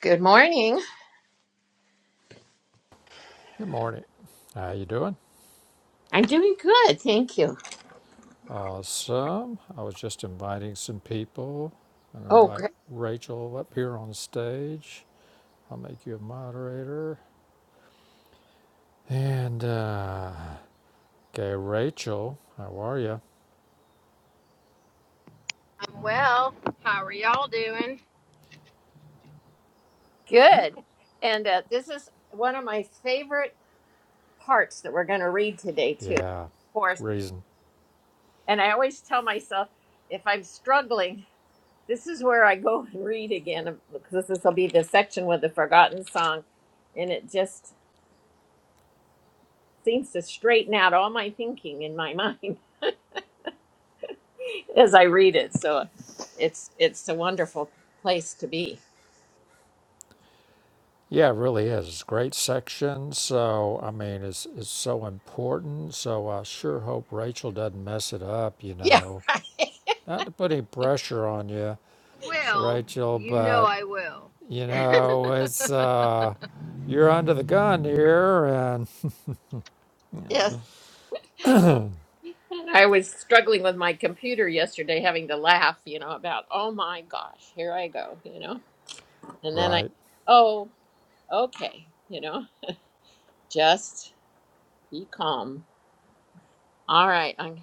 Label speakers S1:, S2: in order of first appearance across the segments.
S1: Good morning.
S2: Good morning. How you doing?
S1: I'm doing good. Thank you.
S2: Awesome. I was just inviting some people. I'm gonna
S1: Oh,
S2: invite
S1: great.
S2: Rachel up here on stage. I'll make you a moderator. And uh, okay, Rachel, how are you?
S3: I'm well. How are y'all doing?
S1: Good. And uh, this is one of my favorite parts that we're going to read today, too, of
S2: Yeah,
S1: course.
S2: reason.
S1: And I always tell myself if I'm struggling, this is where I go and read again, um, because this will be the section with the forgotten song. And it just seems to straighten out all my thinking in my mind as I read it. So it's it's a wonderful place to be.
S2: Yeah, it really is. It's a great section. So I mean, it's it's so important. So I sure hope Rachel doesn't mess it up. You
S1: Yeah.
S2: know, not to put any pressure on you,
S3: Will,
S2: Rachel,
S3: you know
S2: but
S3: I will.
S2: you know, it's uh, you're under the gun here, and
S1: Yes. I was struggling with my computer yesterday, having to laugh, you know, about, oh my gosh, here I go, you know. And then I,
S2: right,
S1: oh, okay, you know, just be calm. All right. I'm,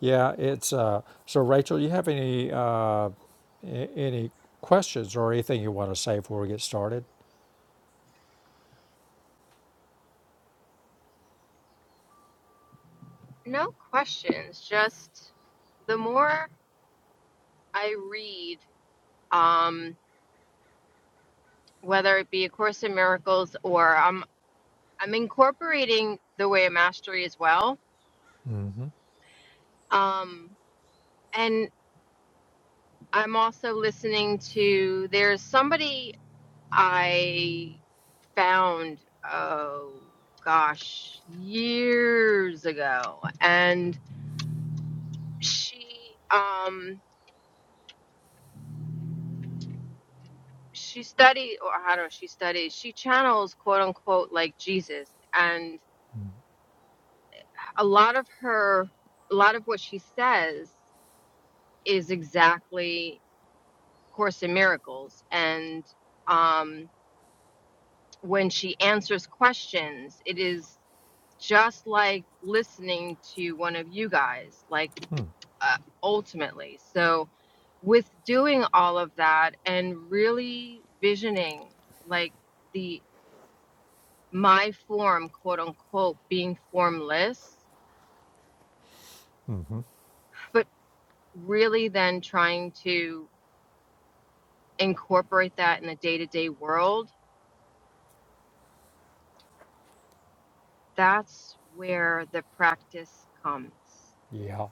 S2: yeah, it's uh. So, Rachel, you have any uh, a- any questions or anything you want to say before we get started?
S3: No questions, just the more I read, um, whether it be A Course in Miracles or um, I'm incorporating The Way of Mastery as well. Um, and I'm also listening to, there's somebody I found, oh gosh, years ago. And she um she studied or I don't know she studies she channels quote unquote like Jesus and a lot of her a lot of what she says is exactly Course in Miracles and um when she answers questions it is just like listening to one of you guys like uh, ultimately so with doing all of that and really visioning like the my form, quote unquote, being formless, but really then trying to incorporate that in the day to day world, that's where the practice comes.
S2: Yeah,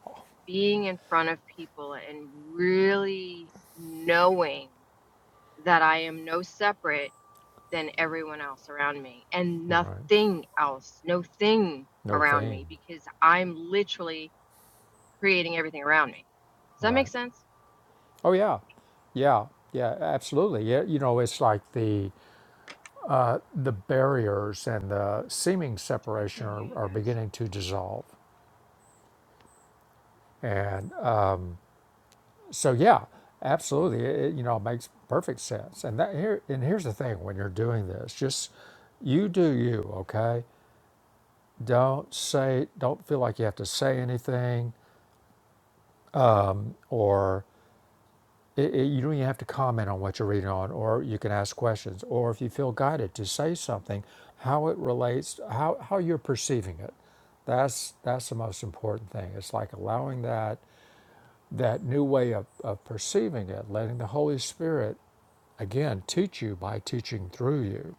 S3: Being in front of people and really knowing that I am no separate than everyone else around me and
S2: right.
S3: nothing else, no thing
S2: No
S3: around
S2: thing,
S3: me because I'm literally creating everything around me. Does that make
S2: right?
S3: sense?
S2: Oh yeah, yeah, yeah, absolutely. Yeah, you know, it's like the the barriers and the seeming
S3: I
S2: separation
S3: can't hear
S2: are,
S3: you
S2: are
S3: guys.
S2: beginning to dissolve, and So yeah, absolutely. It, you know, it makes perfect sense. And that here and here's the thing: when you're doing this, just you do you. Okay. Don't say. Don't feel like you have to say anything, or it, it, you don't even have to comment on what you're reading on, or you can ask questions, or if you feel guided to say something, how it relates, how how you're perceiving it. That's that's the most important thing. It's like allowing that that new way of, of perceiving it, letting the Holy Spirit again teach you by teaching through you.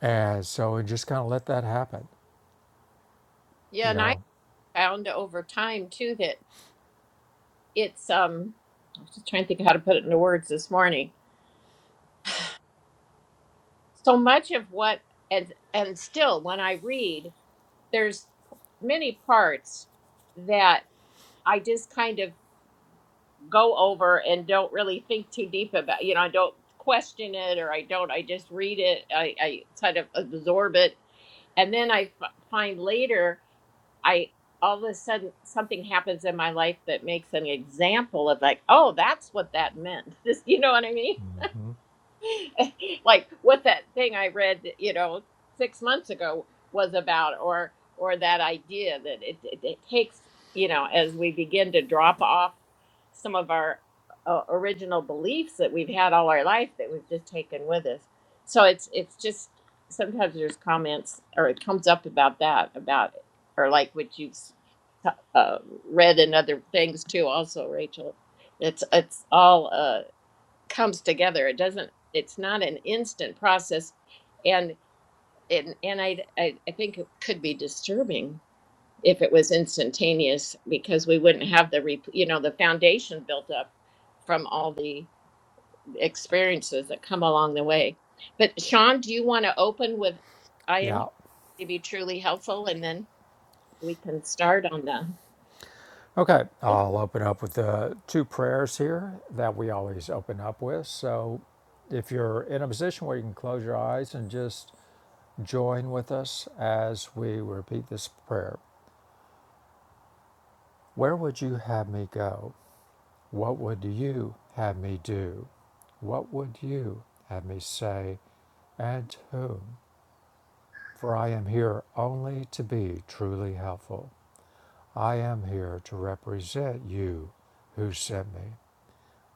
S2: And so and just kind of let that happen,
S1: yeah.
S2: you
S1: And I
S2: know.
S1: found over time too that it's, um, I was just trying to think of how to put it into words this morning. So much of what, and, and still when I read, there's many parts that I just kind of. go over and don't really think too deep about you know i don't question it or i don't i just read it i, I kind of absorb it and then I f- find later i all of a sudden something happens in my life that makes an example of like oh that's what that meant this you know what i mean
S2: Mm-hmm.
S1: like what that thing I read, you know, six months ago was about, or or that idea that it, it, it takes, you know, as we begin to drop off some of our uh, original beliefs that we've had all our life that we've just taken with us. So it's it's just sometimes there's comments or it comes up about that about or like what you've s- uh, read and other things too. Also, Rachel, it's it's all. uh, comes together. It doesn't. It's not an instant process, and and and I I, I think it could be disturbing if it was instantaneous because we wouldn't have the re you know the foundation built up from all the experiences that come along the way. But Sean, do you want to open with I am
S2: Yeah.
S1: here to be truly helpful, and then we can start on the.
S2: Okay, I'll open up with the two prayers here that we always open up with. So if you're in a position where you can close your eyes and just join with us as we repeat this prayer. Where would you have me go? What would you have me do? What would you have me say? And to whom For I am here only to be truly helpful. I am here to represent you who sent me.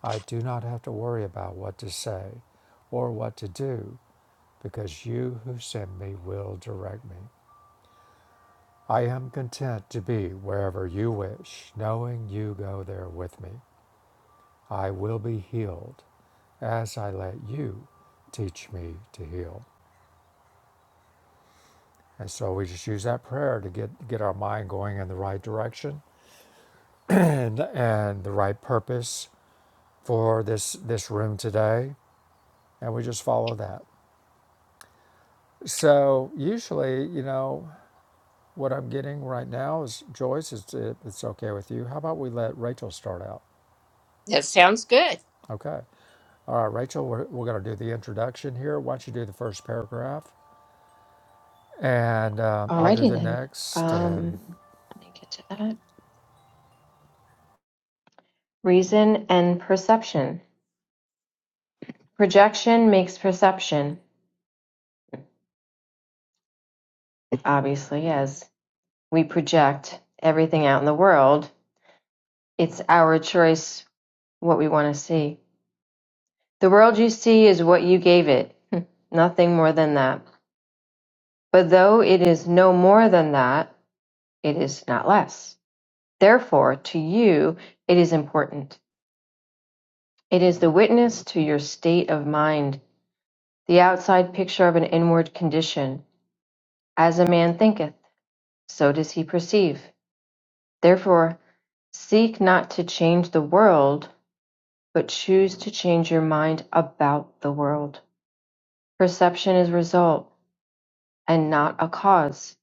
S2: I do not have to worry about what to say or what to do because you who sent me will direct me. I am content to be wherever you wish, knowing you go there with me. I will be healed as I let you teach me to heal. And so we just use that prayer to get, get our mind going in the right direction and and the right purpose for this this room today and we just follow that so usually you know what i'm getting right now is joyce it's, it's okay with you how about we let rachel start out
S1: That sounds good.
S2: okay all right rachel we're, we're going to do the introduction here why don't you do the first paragraph and um, i'll do
S3: Alrighty
S2: the
S3: then.
S2: next
S3: Um,
S2: and
S3: let me get to that. Reason and perception. Projection makes perception. Obviously, as we project everything out in the world, it's our choice what we want to see. The world you see is what you gave it, nothing more than that. But though it is no more than that, it is not less. Therefore, to you, it is important. It is the witness to your state of mind The outside picture of an inward condition. As a man thinketh, so does he perceive. Therefore, seek not to change the world, but choose to change your mind about the world. Perception is result and not a cause.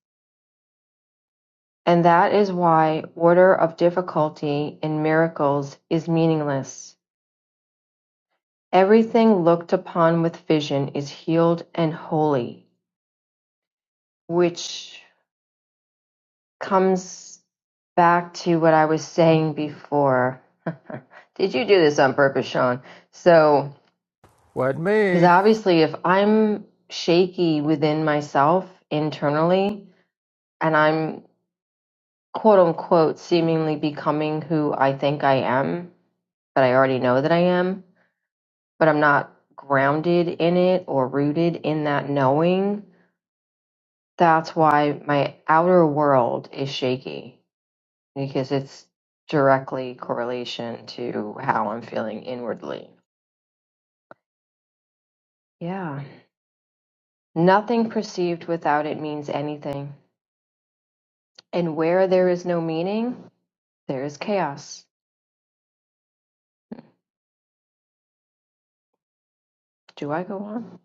S3: And that is why order of difficulty in miracles is meaningless. Everything looked upon with vision is healed and holy, which comes back to what I was saying before. Did you do this on purpose, Sean? So,
S2: What
S3: because
S2: me?
S3: obviously, if I'm shaky within myself internally and I'm quote unquote seemingly becoming who I think I am, but I already know that I am, but I'm not grounded in it or rooted in that knowing, that's why my outer world is shaky because it's directly correlation to how I'm feeling inwardly. Yeah. Nothing perceived without it means anything. And where there is no meaning, there is chaos. Do I go on?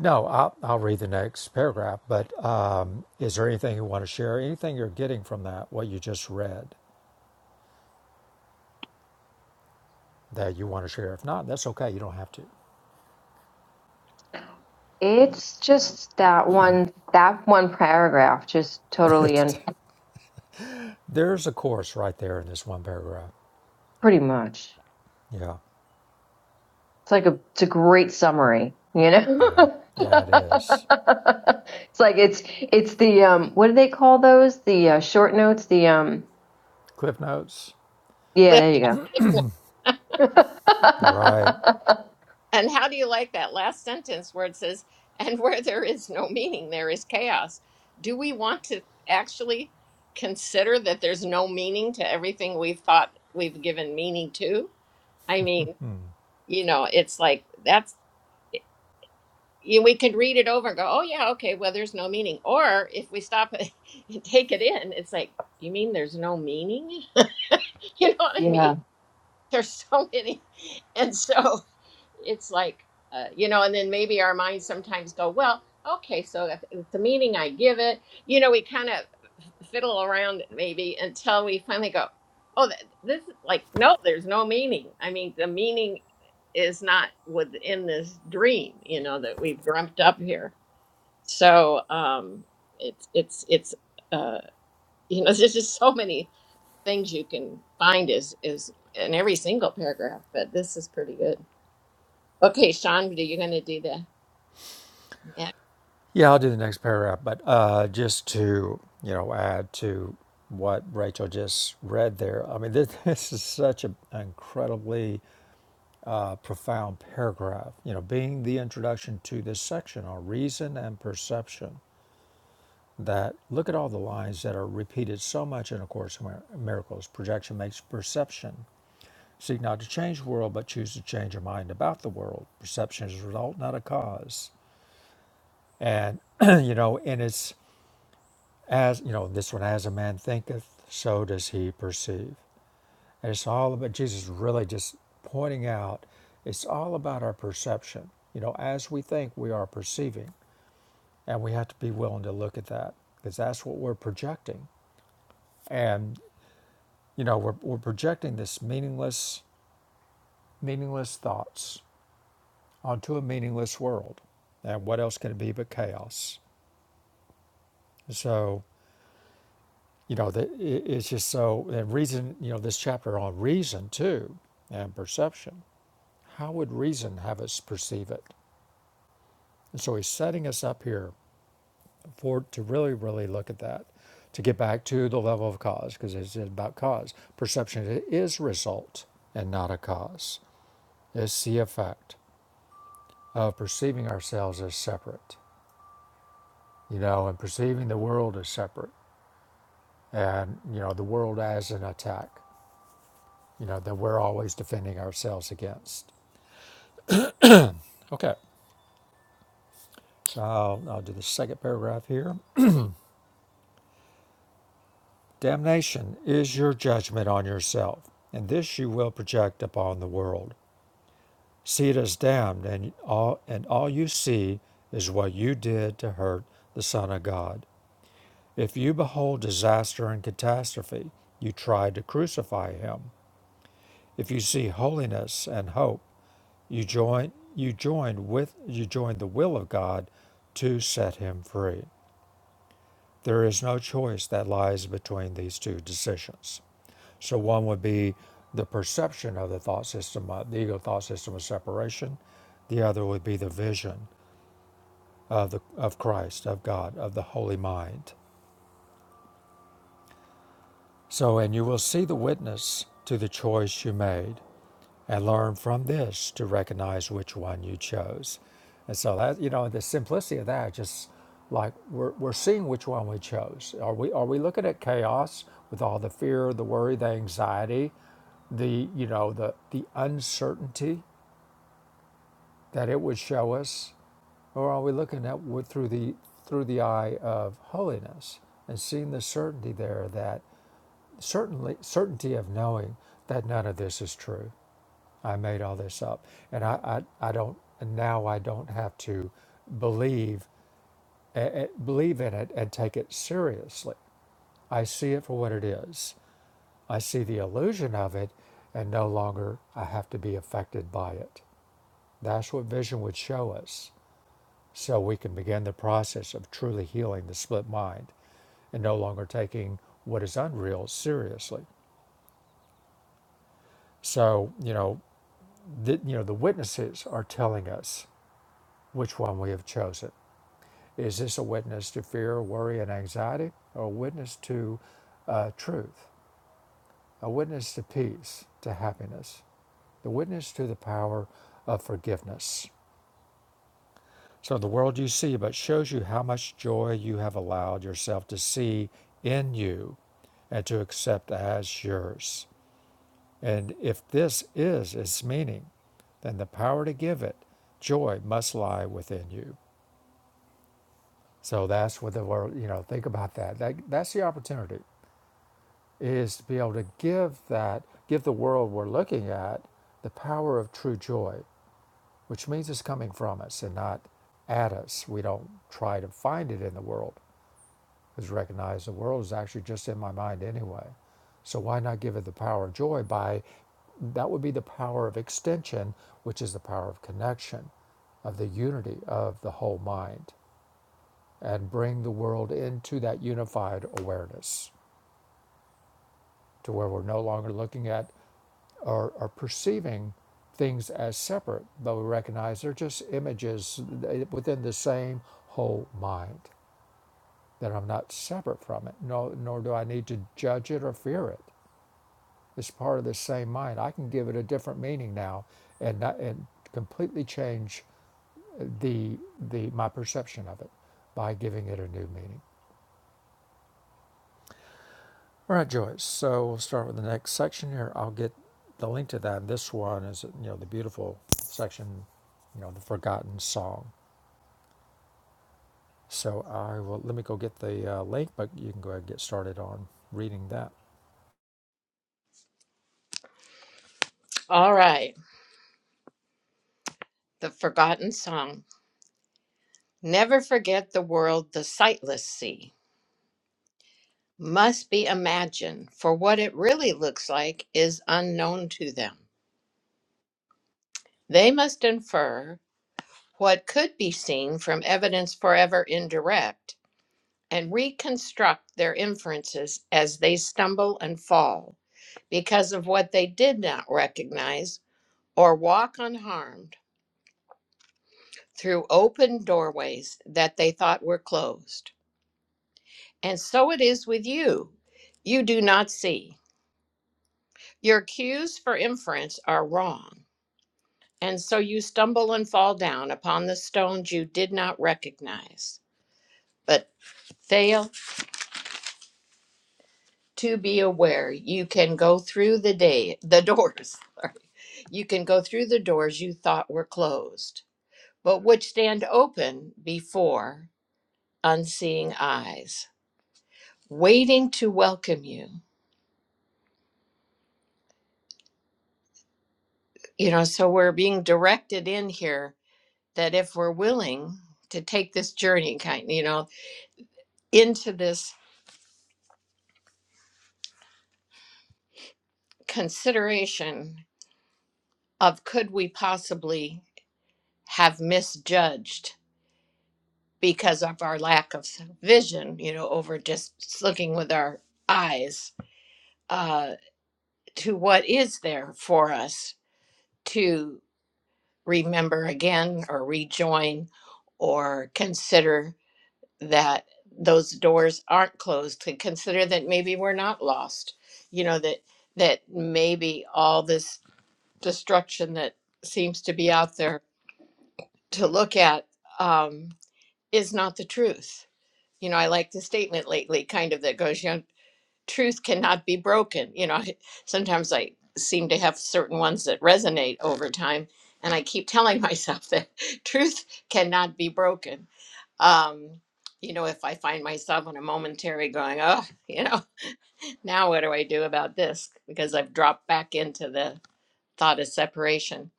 S2: no i'll, I'll read the next paragraph but um, is there anything you want to share anything you're getting from that what you just read that you want to share. If not, that's okay. You don't have to.
S3: It's just that one that one paragraph just totally
S2: It's,
S3: and
S2: there's a course right there in this one paragraph.
S3: pretty much.
S2: Yeah,
S3: It's like a it's a great summary, you
S2: yeah,
S3: know?
S2: yeah, it is.
S3: it's like it's it's the um what do they call those? The uh, short notes, the um
S2: Cliff notes.
S3: yeah, there you go
S2: All right.
S1: And how do you like that last sentence where it says, and where there is no meaning, there is chaos? Do we want to actually consider that there's no meaning to everything we've thought we've given meaning to? I mean,
S2: Hmm.
S1: you know, it's like that's, you, we could read it over and go, oh, yeah, okay, well, there's no meaning. Or if we stop and take it in, it's like, you mean there's no meaning? you know what I mean?
S3: Yeah.
S1: there's so many and so it's like uh, you know and then maybe our minds sometimes go well okay so if, if the meaning i give it you know we kind of fiddle around maybe until we finally go oh th- this is like no there's no meaning i mean the meaning is not within this dream you know that we've dreamt up here so um it's it's it's uh you know there's just so many things you can find is is in every single paragraph, but this is pretty good. Okay, Sean, are you going to do that? next?
S2: Yeah, I'll do the next paragraph, but uh, just to you know add to what Rachel just read there. I mean, this, this is such a, an incredibly uh, profound paragraph. You know, being the introduction to this section on reason and perception. that look at all the lines that are repeated so much in A Course in Miracles. Projection makes perception. Seek not to change the world, but choose to change your mind about the world. Perception is a result, not a cause. And, you know, and it's as, you know, this one, as a man thinketh, so does he perceive. And it's all about Jesus really just pointing out it's all about our perception. You know, as we think, we are perceiving, and we have to be willing to look at that because that's what we're projecting. And You know, we're, we're projecting this meaningless, meaningless thoughts onto a meaningless world. And what else can it be but chaos? So, you know, the, it, it's just so, and reason, you know, this chapter on reason too, and perception. How would reason have us perceive it? And so he's setting us up here for to really, really look at that, to get back to the level of cause, because it's about cause. Perception is result and not a cause. It's the effect. of perceiving ourselves as separate, you know, and perceiving the world as separate and, you know, the world as an attack, you know, that we're always defending ourselves against. Okay, so I'll, I'll do the second paragraph here. Damnation is your judgment on yourself, and this you will project upon the world. See it as damned, and all, and all you see is what you did to hurt the Son of God. If you behold disaster and catastrophe, you try to crucify him If you see holiness and hope, you join you join with you join the will of God to set him free. There is no choice that lies between these two decisions. So one would be the perception of the thought system, uh, the ego thought system of separation. The other would be the vision of the of Christ, of God, of the holy mind. So and you will see the witness to the choice you made and learn from this to recognize which one you chose. And so that you know the simplicity of that, just like we're, we're seeing which one we chose. Are we are we looking at chaos with all the fear, the worry, the anxiety, the you know the the uncertainty that it would show us, or are we looking at with, through the through the eye of holiness and seeing the certainty there that certainly certainty of knowing that none of this is true I made all this up. And I, I, I don't, and now I don't have to believe, eh, eh, believe in it and take it seriously. I see it for what it is. I see the illusion of it and no longer I have to be affected by it. That's what vision would show us. So we can begin the process of truly healing the split mind and no longer taking what is unreal seriously. So, you know, the, you know, the witnesses are telling us which one we have chosen. Is this a witness to fear, worry, and anxiety, or a witness to uh, truth, a witness to peace, to happiness, the witness to the power of forgiveness? So the world you see but shows you how much joy you have allowed yourself to see in you and to accept as yours. And if this is its meaning, then the power to give it, joy, must lie within you. So that's what the world, you know, think about that. that that's the opportunity is to be able to give that, give the world we're looking at the power of true joy, which means it's coming from us and not at us. We don't try to find it in the world because we recognize the world is actually just in my mind anyway. So why not give it the power of joy by that would be the power of extension, which is the power of connection, of the unity of the whole mind, and bring the world into that unified awareness to where we're no longer looking at or, or perceiving things as separate, but we recognize they're just images within the same whole mind, that I'm not separate from it, no, nor do I need to judge it or fear it. It's part of the same mind. I can give it a different meaning now and, not, and completely change the, the, my perception of it by giving it a new meaning. All right, Joyce. So we'll start with the next section here. I'll get the link to that. This one is, you know, the beautiful section, you know, the forgotten song. So I will let me go get the uh, link, but you can go ahead and get started on reading that.
S1: All right. The Forgotten Song. Never forget the world the sightless see. Must be imagined, for what it really looks like is unknown to them. They must infer what could be seen from evidence forever indirect and reconstruct their inferences as they stumble and fall. because of what they did not recognize or walk unharmed through open doorways that they thought were closed. And so it is with you. You do not see. Your cues for inference are wrong. And so you stumble and fall down upon the stones you did not recognize, but fail to be aware you can go through the day, the doors. sorry. You can go through the doors you thought were closed but which stand open before unseeing eyes, waiting to welcome you. You know, so we're being directed in here that if we're willing to take this journey, kind, you know, into this consideration of could we possibly have misjudged because of our lack of vision, you know, over just looking with our eyes uh, to what is there for us to. remember again or rejoin or consider that those doors aren't closed to consider that maybe we're not lost you know that that maybe all this destruction that seems to be out there to look at um, is not the truth you know i like the statement lately kind of that goes you know truth cannot be broken. You know, sometimes I seem to have certain ones that resonate over time, and I keep telling myself that truth cannot be broken. Um, you know, if I find myself in a momentary going, oh, you know, now what do I do about this? Because I've dropped back into the thought of separation.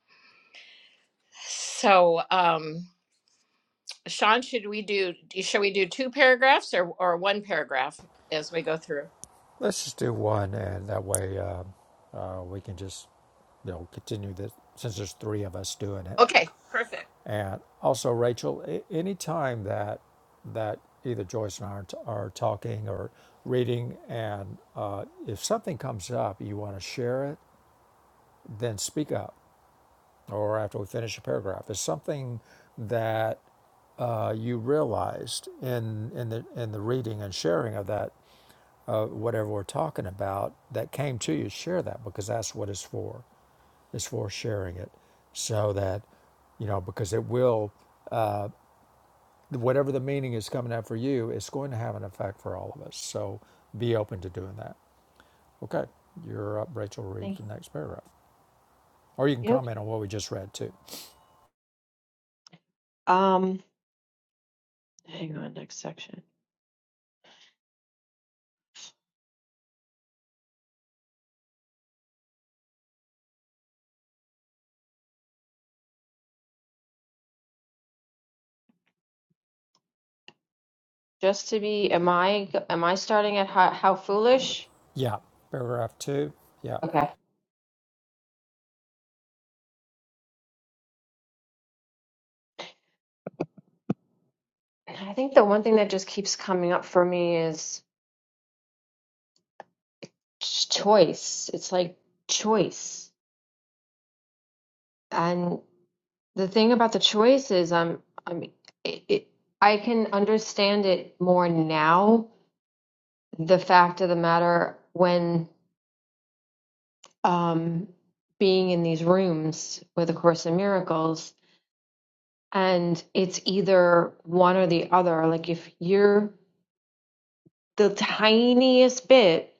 S1: So, um, Sean, should we do? Shall we do two paragraphs or or one paragraph as we go through?
S2: Let's just do one, and that way uh, uh, we can just, you know, continue this since there's three of us doing it.
S1: Okay, perfect.
S2: And also, Rachel, any time that that either Joyce and I are, t- are talking or reading, and uh, if something comes up, you want to share it, then speak up. Or after we finish a paragraph, it's something that uh, you realized in in the in the reading and sharing of that uh, whatever we're talking about that came to you. Share that because that's what it's for. It's for sharing it, so that you know because it will. whatever the meaning is coming up for you, it's going to have an effect for all of us. So be open to doing that. Okay, you're up, Rachel. Read
S3: Thank
S2: the
S3: you.
S2: next paragraph, or you can
S3: Yep.
S2: comment on what we just read too.
S3: Um, hang on, next section. Just to be, am I am I starting at how, how foolish?
S2: Yeah, paragraph two. Yeah,
S3: Okay. I think the one thing that just keeps coming up for me is ch- choice. It's like choice, and the thing about the choice is, I'm I'm it, it, I can understand it more now. The fact of the matter, when um, being in these rooms with A Course in Miracles, and it's either one or the other. Like if you're the tiniest bit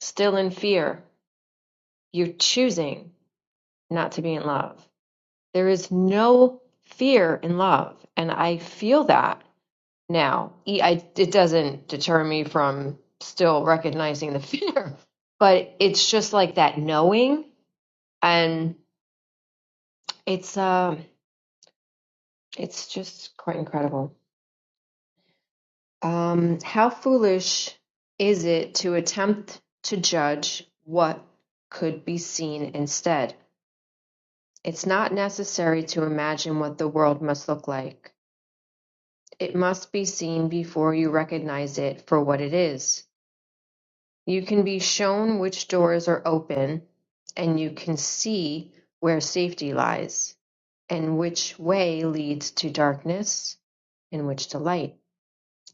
S3: still in fear, you're choosing not to be in love. There is no fear in love, and I feel that now. E- I, it doesn't deter me from still recognizing the fear, but it's just like that knowing, and it's um. It's just quite incredible. Um, how foolish is it to attempt to judge what could be seen instead? It's not necessary to imagine what the world must look like. It must be seen before you recognize it for what it is. You can be shown which doors are open, and you can see where safety lies, and which way leads to darkness and which to light.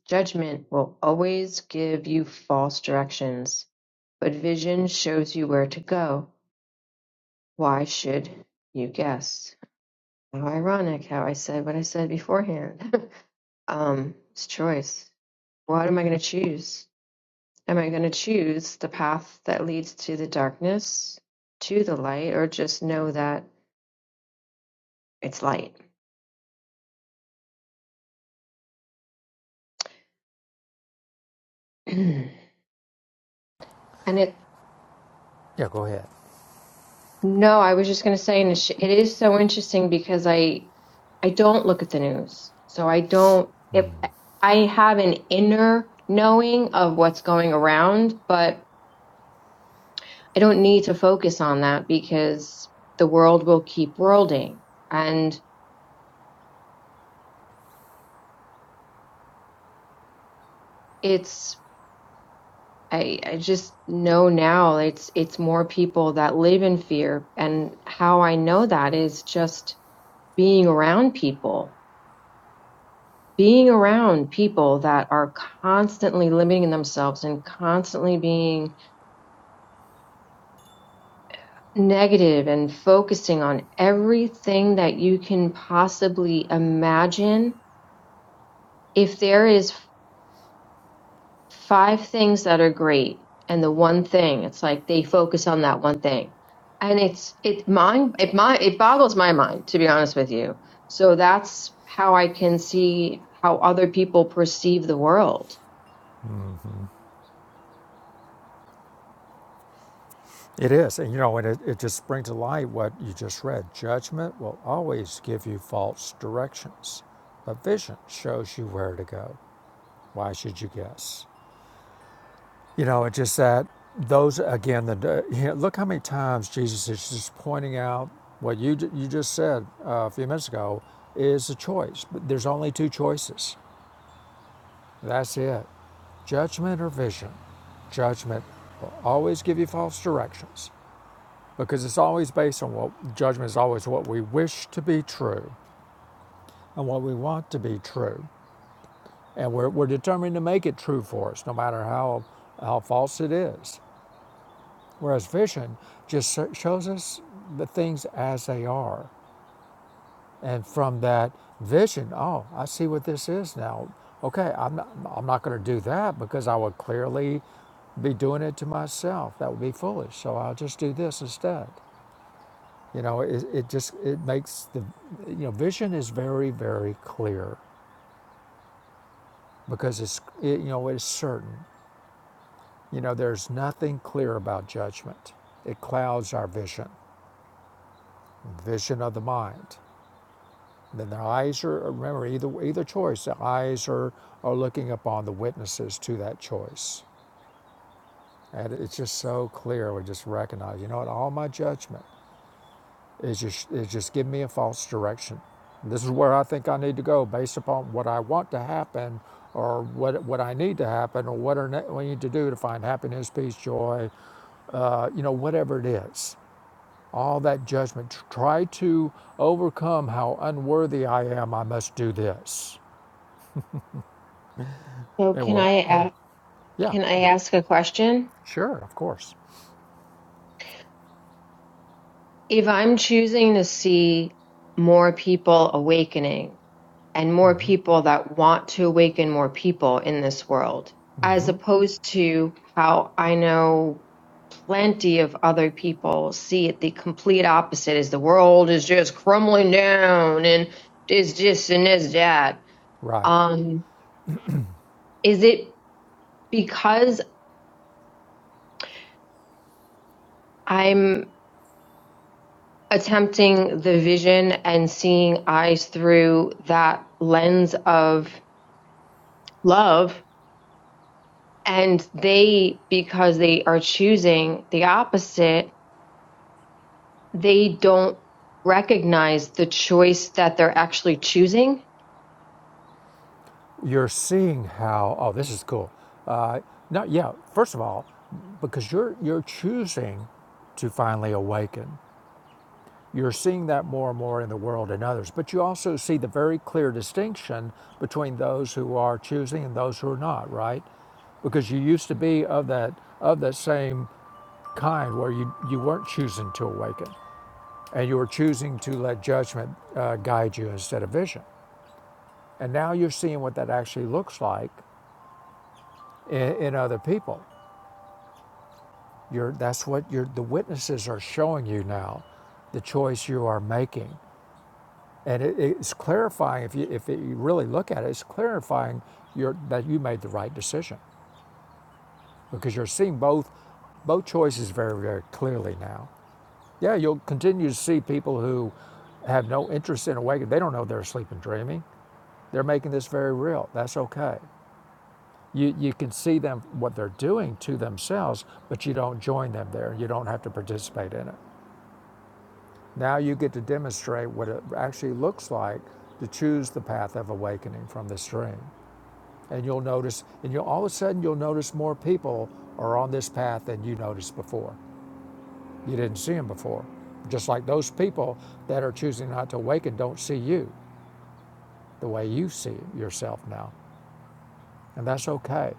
S3: Judgment will always give you false directions, but vision shows you where to go. Why should you guess? How ironic how I said what I said beforehand. um, it's choice. What am I going to choose? Am I going to choose the path that leads to the darkness, to the light, or just know that it's light? and it
S2: yeah. Go ahead.
S3: No, I was just going to say, and it's- it is so interesting because I I don't look at the news, so I don't. If I have an inner knowing of what's going around, but I don't need to focus on that because the world will keep worlding, and it's I I just know now it's it's more people that live in fear, and how I know that is just being around people being around people that are constantly limiting themselves and constantly being negative and focusing on everything that you can possibly imagine if there is five things that are great and the one thing it's like they focus on that one thing and it's it mind it my it boggles my mind to be honest with you so that's how i can see how other people perceive the world
S2: It is, and you know, and it, it just brings to light what you just read. Judgment will always give you false directions, but vision shows you where to go. Why should you guess? You know, it's just that those again. The you know, look how many times Jesus is just pointing out what you you just said uh, a few minutes ago is a choice. But there's only two choices. That's it: judgment or vision. Judgment will always give you false directions because it's always based on what judgment is always what we wish to be true and what we want to be true, and we're we're determined to make it true for us, no matter how how false it is. Whereas vision just shows us the things as they are. And from that vision, oh, I see what this is now. Okay, I'm not, I'm not going to do that because I would clearly be doing it to myself. That would be foolish. So I'll just do this instead. You know, it, it just it makes the you know vision is very very clear because it's it, you know it's certain. You know, there's nothing clear about judgment. It clouds our vision, vision of the mind. Then their eyes are, remember, either, either choice, the eyes are, are looking upon the witnesses to that choice. And it's just so clear. We just recognize, you know what, all my judgment is just, is just giving me a false direction. This is where I think I need to go based upon what I want to happen or what, what I need to happen or what, are ne- we need to do to find happiness, peace, joy, uh, you know, whatever it is. All that judgment. tr- Try to overcome how unworthy I am. I must do this.
S3: so
S2: It
S3: can
S2: will.
S3: i
S2: uh,
S3: ask
S2: Yeah,
S3: Can I ask a question?
S2: sure, of course.
S3: If I'm choosing to see more people awakening and more people that want to awaken more people in this world, as opposed to how I know plenty of other people see it the complete opposite is the world is just crumbling down and is this and is that.
S2: Right.
S3: Um, is it because I'm attempting the vision and seeing eyes through that lens of love. And they, because they are choosing the opposite, they don't recognize the choice that they're actually choosing.
S2: You're seeing how, oh, this is cool. Uh, no, yeah, first of all, because you're, you're choosing to finally awaken. You're seeing that more and more in the world and others, but you also see the very clear distinction between those who are choosing and those who are not, right? Because you used to be of that of that same kind where you, you weren't choosing to awaken and you were choosing to let judgment uh, guide you instead of vision. And now you're seeing what that actually looks like in, in other people. You're, that's what you're, the witnesses are showing you now, the choice you are making. And it, it's clarifying, if you, if it, you really look at it, it's clarifying your, that you made the right decision because you're seeing both, both choices very, very clearly now. Yeah, you'll continue to see people who have no interest in awakening. They don't know they're asleep and dreaming. They're making this very real. That's okay. You, you can see them, what they're doing to themselves, but you don't join them there. You don't have to participate in it. Now you get to demonstrate what it actually looks like to choose the path of awakening from the stream. And you'll notice, and you'll all of a sudden you'll notice more people are on this path than you noticed before. You didn't see them before. Just like those people that are choosing not to awaken don't see you the way you see yourself now. And that's okay.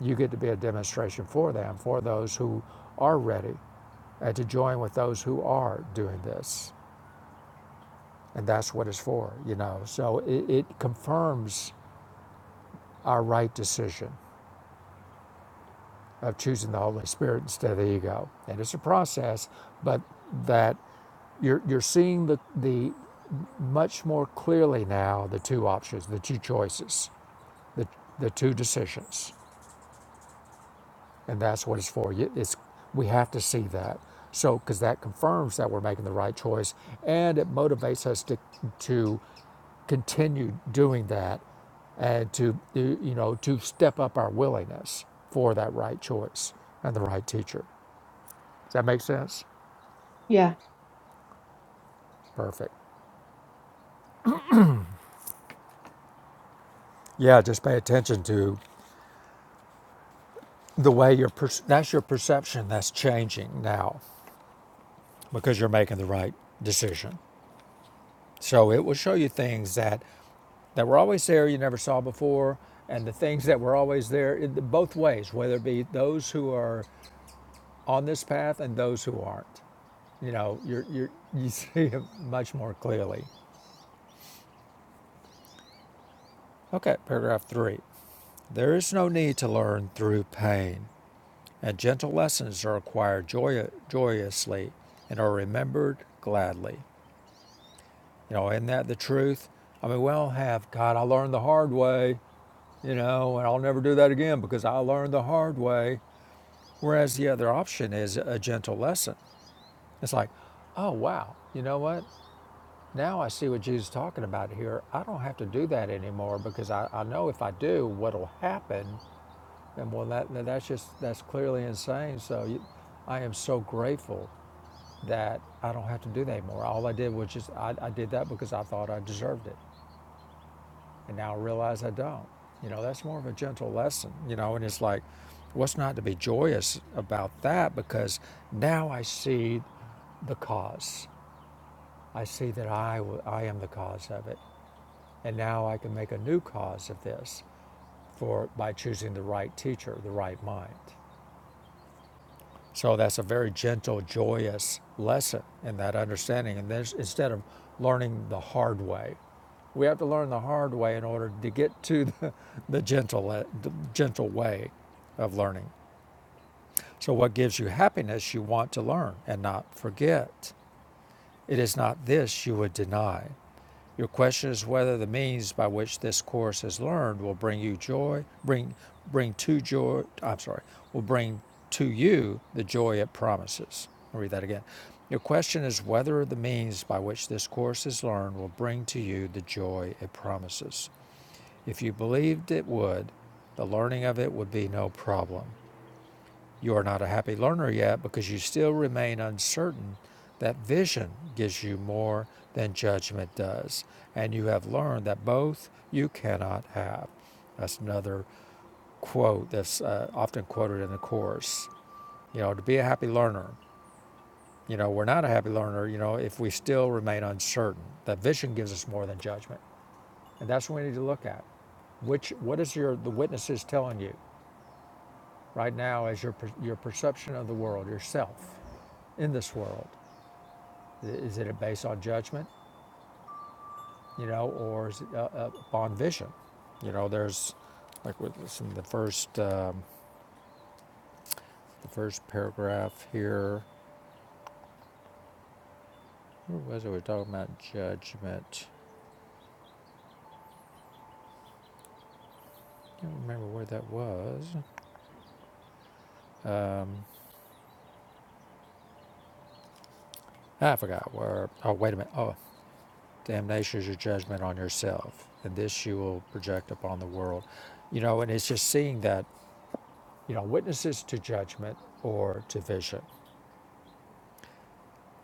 S2: You get to be a demonstration for them, for those who are ready and to join with those who are doing this. And that's what it's for, you know. So it, it confirms our right decision of choosing the Holy Spirit instead of the ego. And it's a process, but that you're, you're seeing the, the much more clearly now the two options, the two choices, the, the two decisions. and that's what it's for. You- It's we have to see that. So because that confirms that we're making the right choice, and it motivates us to to continue doing that, and to do- you know to step up our willingness for that right choice and the right teacher. Does that make sense? Perfect. Yeah, just pay attention to the way your per- that's your perception that's changing now because you're making the right decision. So it will show you things that that were always there you never saw before, and the things that were always there in both ways, whether it be those who are on this path and those who aren't. You know, you're, you're, you see it much more clearly. Okay, paragraph three. There is no need to learn through pain, and gentle lessons are acquired joy- joyously and are remembered gladly. You know, isn't that the truth? I mean, we all have, God, I learned the hard way, you know, and I'll never do that again because I learned the hard way. Whereas the other option is a gentle lesson. It's like, oh, wow, you know what? Now I see what Jesus is talking about here. I don't have to do that anymore because I, I know if I do, what'll happen. And well, that, that's just, that's clearly insane. So you, I am so grateful that I don't have to do that anymore. All I did was just, I, I did that because I thought I deserved it. And now I realize I don't. You know, that's more of a gentle lesson, you know, and it's like, what's not to be joyous about that? Because now I see the cause. I see that I, w- I am the cause of it. And now I can make a new cause of this for by choosing the right teacher, the right mind. So that's a very gentle, joyous lesson in that understanding. And this, instead of learning the hard way, we have to learn the hard way in order to get to the, the gentle, the gentle way of learning. So, what gives you happiness, you want to learn and not forget. It is not this you would deny. Your question is whether the means by which this course is learned will bring you joy, bring bring to joy. I'm sorry, will bring to you the joy it promises. I'll read that again. Your question is whether the means by which this course is learned will bring to you the joy it promises. If you believed it would, the learning of it would be no problem you are not a happy learner yet because you still remain uncertain that vision gives you more than judgment does, and you have learned that both you cannot have. That's another quote that's uh, often quoted in the Course. You know, to be a happy learner, you know, we're not a happy learner, you know, if we still remain uncertain that vision gives us more than judgment. And that's what we need to look at. Which, what is your, the witnesses telling you right now as your, your perception of the world, yourself? in this world? Is it based on judgment, you know, or is it uh, uh, upon vision? You know, there's like with this the first um, the first paragraph here. Where was it? We were talking about judgment. I Can't remember where that was. Um, ah, I forgot where. Oh, wait a minute. Oh, damnation is your judgment on yourself, and this you will project upon the world. You know, and it's just seeing that you know witnesses to judgment or to vision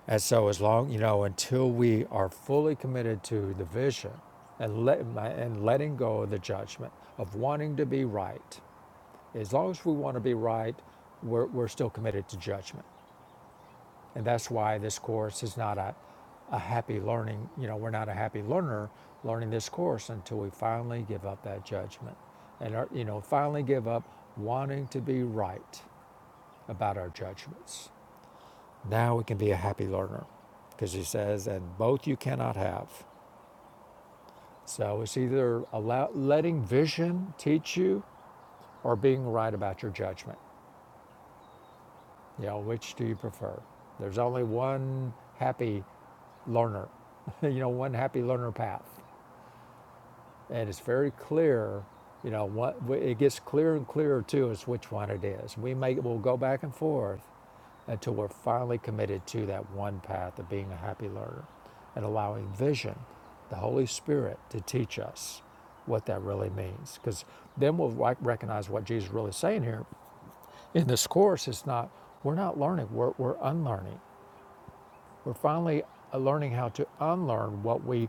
S2: And so, as long you know, until we are fully committed to the vision and let and letting go of the judgment of wanting to be right, as long as we want to be right, we're, we're still committed to judgment, and that's why this course is not a a happy learning. You know, we're not a happy learner learning this course until we finally give up that judgment, and are, you know, finally give up wanting to be right about our judgments. Now we can be a happy learner because he says, and both you cannot have. So it's either allow, letting vision teach you or being right about your judgment. You know, which do you prefer? There's only one happy learner, you know, one happy learner path. and it's very clear. You know, what it gets clearer and clearer to us which one it is. We may we'll go back and forth until we're finally committed to that one path of being a happy learner and allowing vision, the Holy Spirit, to teach us what that really means. Because then we'll recognize what Jesus is really saying here. In this course, it's not we're not learning; we're, we're unlearning. We're finally uh, learning how to unlearn what we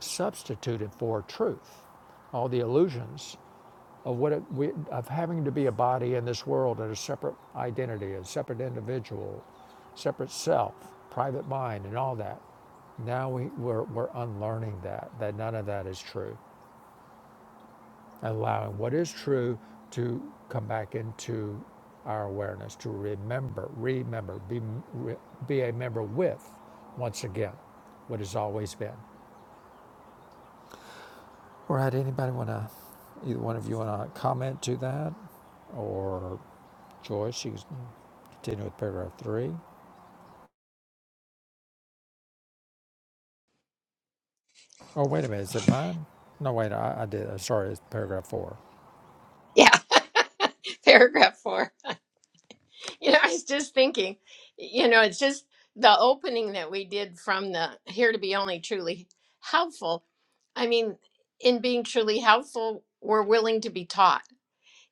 S2: substituted for truth, all the illusions of what it, we, of having to be a body in this world and a separate identity, a separate individual, separate self, private mind, and all that. Now we, we're, we're unlearning that, that none of that is true allowing what is true to come back into our awareness, to remember, remember, be, re, be a member with, once again, what has always been. All right, anybody want to, either one of you want to comment to that? Or Joyce, you can continue with paragraph three. Oh, wait a minute, is it mine? No, wait, I, I did, uh, sorry, it's paragraph four.
S1: Yeah. Paragraph four. You know, I was just thinking, you know, it's just the opening that we did from the here to be only truly helpful. I mean, in being truly helpful, we're willing to be taught.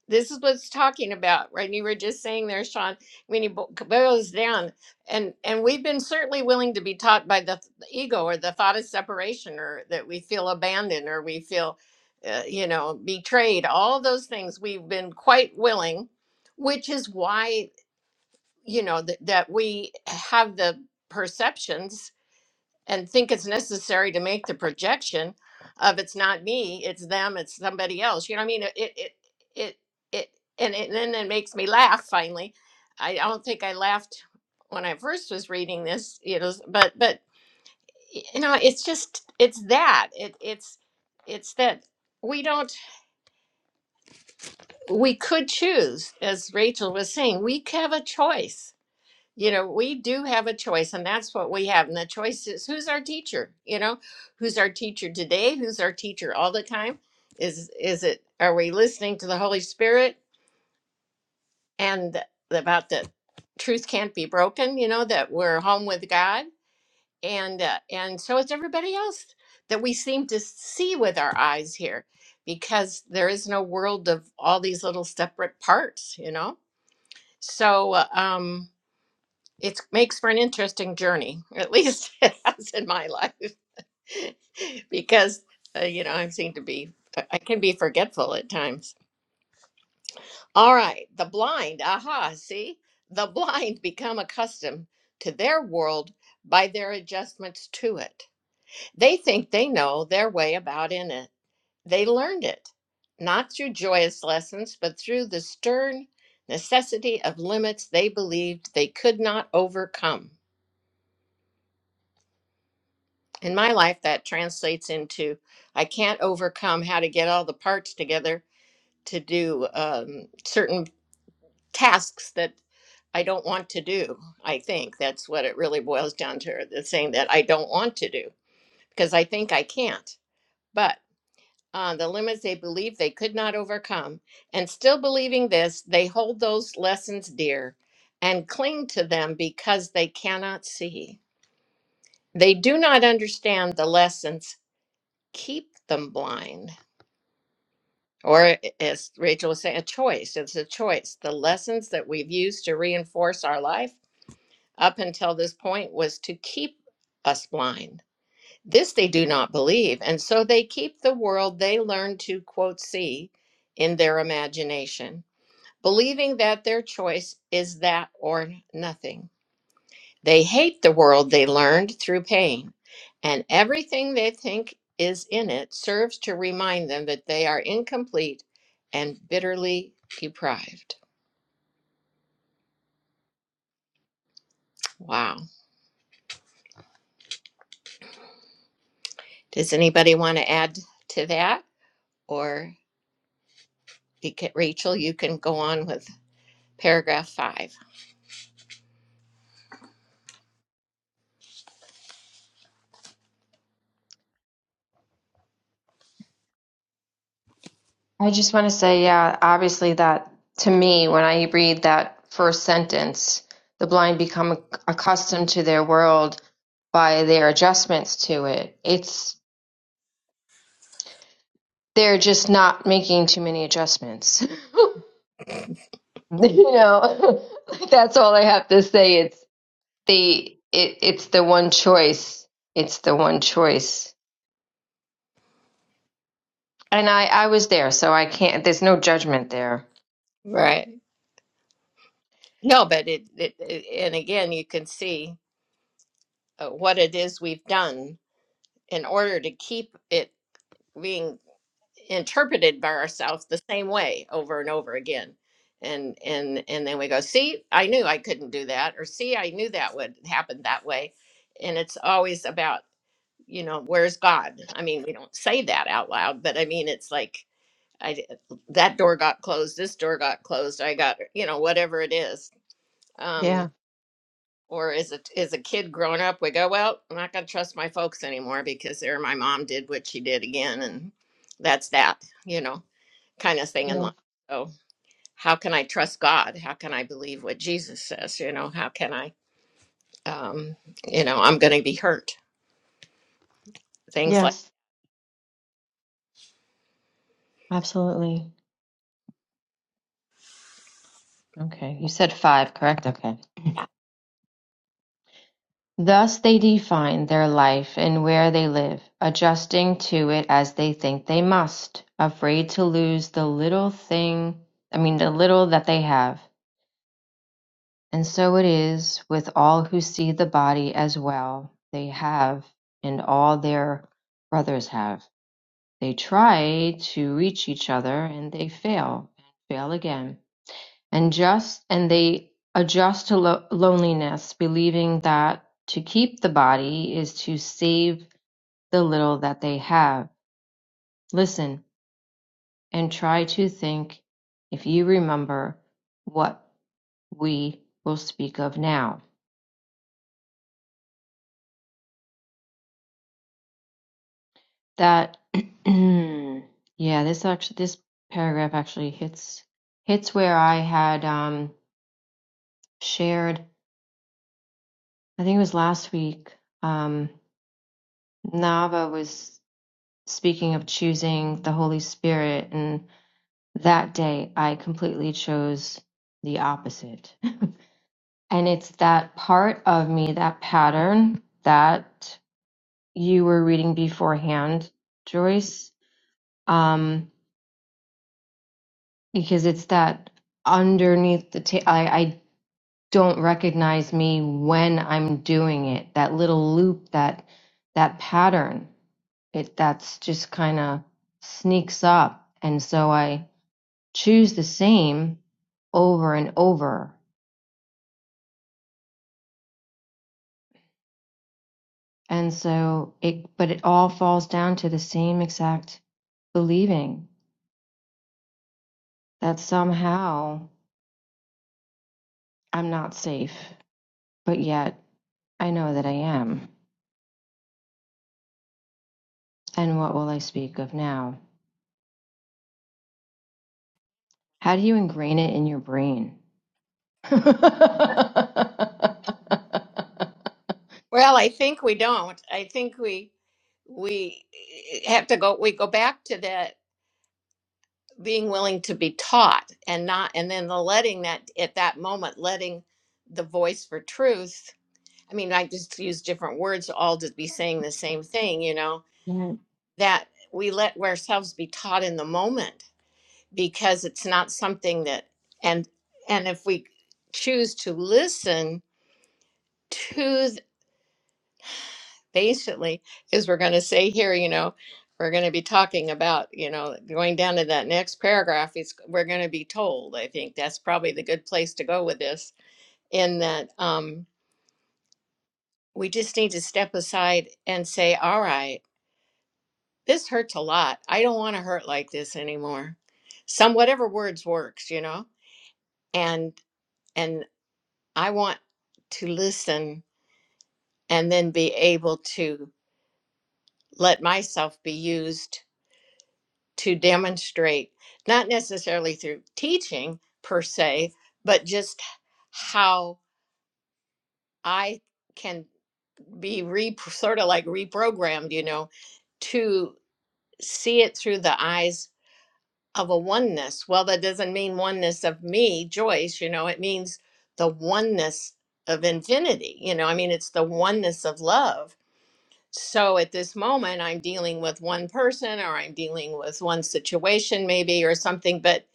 S1: This is what it's talking about, right? And you were just saying there, Sean, when he bo- boils down, and and we've been certainly willing to be taught by the, th- the ego or the thought of separation, or that we feel abandoned, or we feel, uh, you know, betrayed. All those things we've been quite willing, which is why you know that that we have the perceptions and think it's necessary to make the projection of it's not me, it's them, it's somebody else. You know what I mean? It it it it and, it, and then it makes me laugh. Finally, I don't think I laughed when I first was reading this. You know, but but you know, it's just it's that it it's it's that we don't we could choose, as Rachel was saying, we c- have a choice you know we do have a choice and that's what we have and the choice is who's our teacher you know who's our teacher today who's our teacher all the time is is it are we listening to the holy spirit and about the truth can't be broken you know that we're home with god and uh, and so is everybody else that we seem to see with our eyes here because there is no world of all these little separate parts you know so uh, um it makes for an interesting journey. At least it has in my life, because uh, you know I seem to be I I can be forgetful at times. All right, the blind. Aha, see, the blind become accustomed to their world by their adjustments to it. They think they know their way about in it. They learned it not through joyous lessons, but through the stern necessity of limits they believed they could not overcome. in my life that translates into i can't overcome how to get all the parts together to do um, certain tasks that i don't want to do i think that's what it really boils down to the saying that i don't want to do because i think i can't but uh, the limits they believe they could not overcome and still believing this they hold those lessons dear and cling to them because they cannot see they do not understand the lessons keep them blind Or, as Rachel was saying, a choice. It's a choice. The lessons that we've used to reinforce our life up until this point was to keep us blind. This they do not believe. And so they keep the world they learn to, quote, see in their imagination, believing that their choice is that or nothing. They hate the world they learned through pain, and everything they think is in it serves to remind them that they are incomplete and bitterly deprived. Wow. Does anybody want to add to that? Or you can, Rachel, you can go on with paragraph five.
S3: I just want to say, yeah, obviously, that to me, when I read that first sentence, the blind become accustomed to their world by their adjustments to it. It's they're just not making too many adjustments. you know, like, that's all I have to say. It's the it, it's the one choice. It's the one choice. And I I was there, so I can't. There's no judgment there.
S1: Right. No, but it, it, it and again, you can see uh, what it is we've done in order to keep it being interpreted by ourselves the same way over and over again and and and then we go see i knew i couldn't do that or see i knew that would happen that way and it's always about you know where's god i mean we don't say that out loud but i mean it's like i d- that door got closed this door got closed i got you know whatever it is um
S3: Yeah.
S1: or as a as a kid growing up we go well i'm not going to trust my folks anymore because they're my mom did what she did again and that's that you know kind of thing in
S3: Yeah.
S1: life. So, how can I trust God? How can I believe what Jesus says? You know, how can I, um, you know, I'm going to be hurt? Things like
S3: Yes. Absolutely. Okay, you said five, correct? Okay.
S1: that.
S3: Thus they define their life and where they live, adjusting to it as they think they must, afraid to lose the little thing, I mean, the little that they have. And so it is with all who see the body as well they have, and all their brothers have. They try to reach each other and they fail, and fail again. And just and they adjust to lo- loneliness, believing that to keep the body is to save the little that they have. Listen and try to think if you remember what we will speak of now that yeah this actually this paragraph actually hits hits where i had um shared i think it was last week um nava was speaking of choosing the holy spirit and that day i completely chose the opposite and it's that part of me that pattern that you were reading beforehand joyce Um because it's that underneath the ta- I I don't recognize me when I'm doing it. That little loop, that that pattern, it that's just kind of sneaks up, and so I choose the same over and over, and so it. But it all falls down to the same exact believing that somehow I'm not safe, but yet I know that I am. And what will I speak of now? How do you ingrain it in your brain?
S1: Well, I think we don't. I think we we eh, eh, have to go. We go back to that being willing to be taught and not, and then the letting that at that moment, letting the voice for truth. I mean, I just use different words all to be saying the same thing. You know
S3: Yeah,
S1: that we let ourselves be taught in the moment because it's not something that and and if we choose to listen to th- basically is we're going to say here you know we're going to be talking about you know going down to that next paragraph it's we're going to be told i think that's probably the good place to go with this in that um we just need to step aside and say all right this hurts a lot i don't want to hurt like this anymore some whatever words works you know and and I want to listen and then be able to let myself be used to demonstrate, not necessarily through teaching per se, but just how I can be re- sort of like reprogrammed, you know, to see it through the eyes of a oneness. Well, that doesn't mean oneness of me, Joyce, you know, it means the oneness of infinity. You know, I mean, it's the oneness of love So at this moment, I'm dealing with one person or I'm dealing with one situation, maybe, or something, but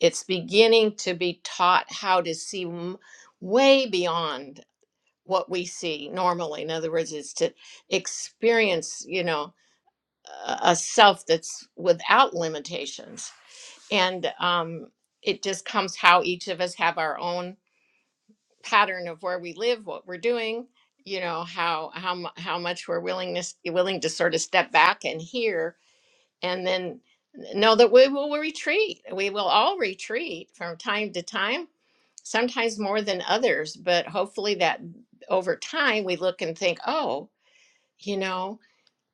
S1: it's beginning to be taught how to see m- way beyond what we see normally. In other words, it's to experience, you know, a a self that's without limitations. And um, it just comes how each of us have our own pattern of where we live, what we're doing, you know, how how mu- how much we're willingness willing to sort of step back and hear, and then know that we will retreat. We will all retreat from time to time, sometimes more than others, but hopefully that over time we look and think, oh, you know.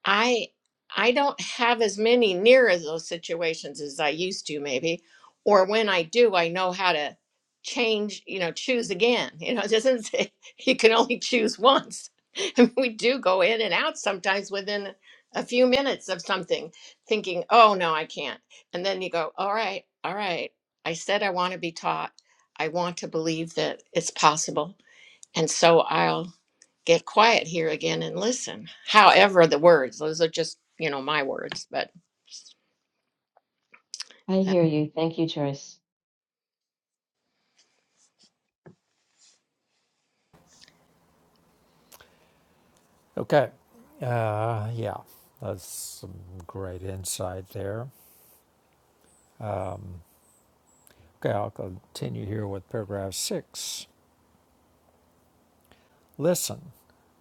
S1: I I don't have as many near as those situations as I used to maybe or when I do I know how to change you know choose again you know it doesn't say you can only choose once I mean, we do go in and out sometimes within a few minutes of something thinking oh no I can't and then you go all right all right I said I want to be taught I want to believe that it's possible and so I'll get quiet here again and listen. However, the words, those are just, you know, my words, but
S3: I
S1: that-
S3: hear you. Thank you, Joyce.
S2: Okay, uh, yeah, that's some great insight there. Okay, I'll continue here with paragraph six. Listen,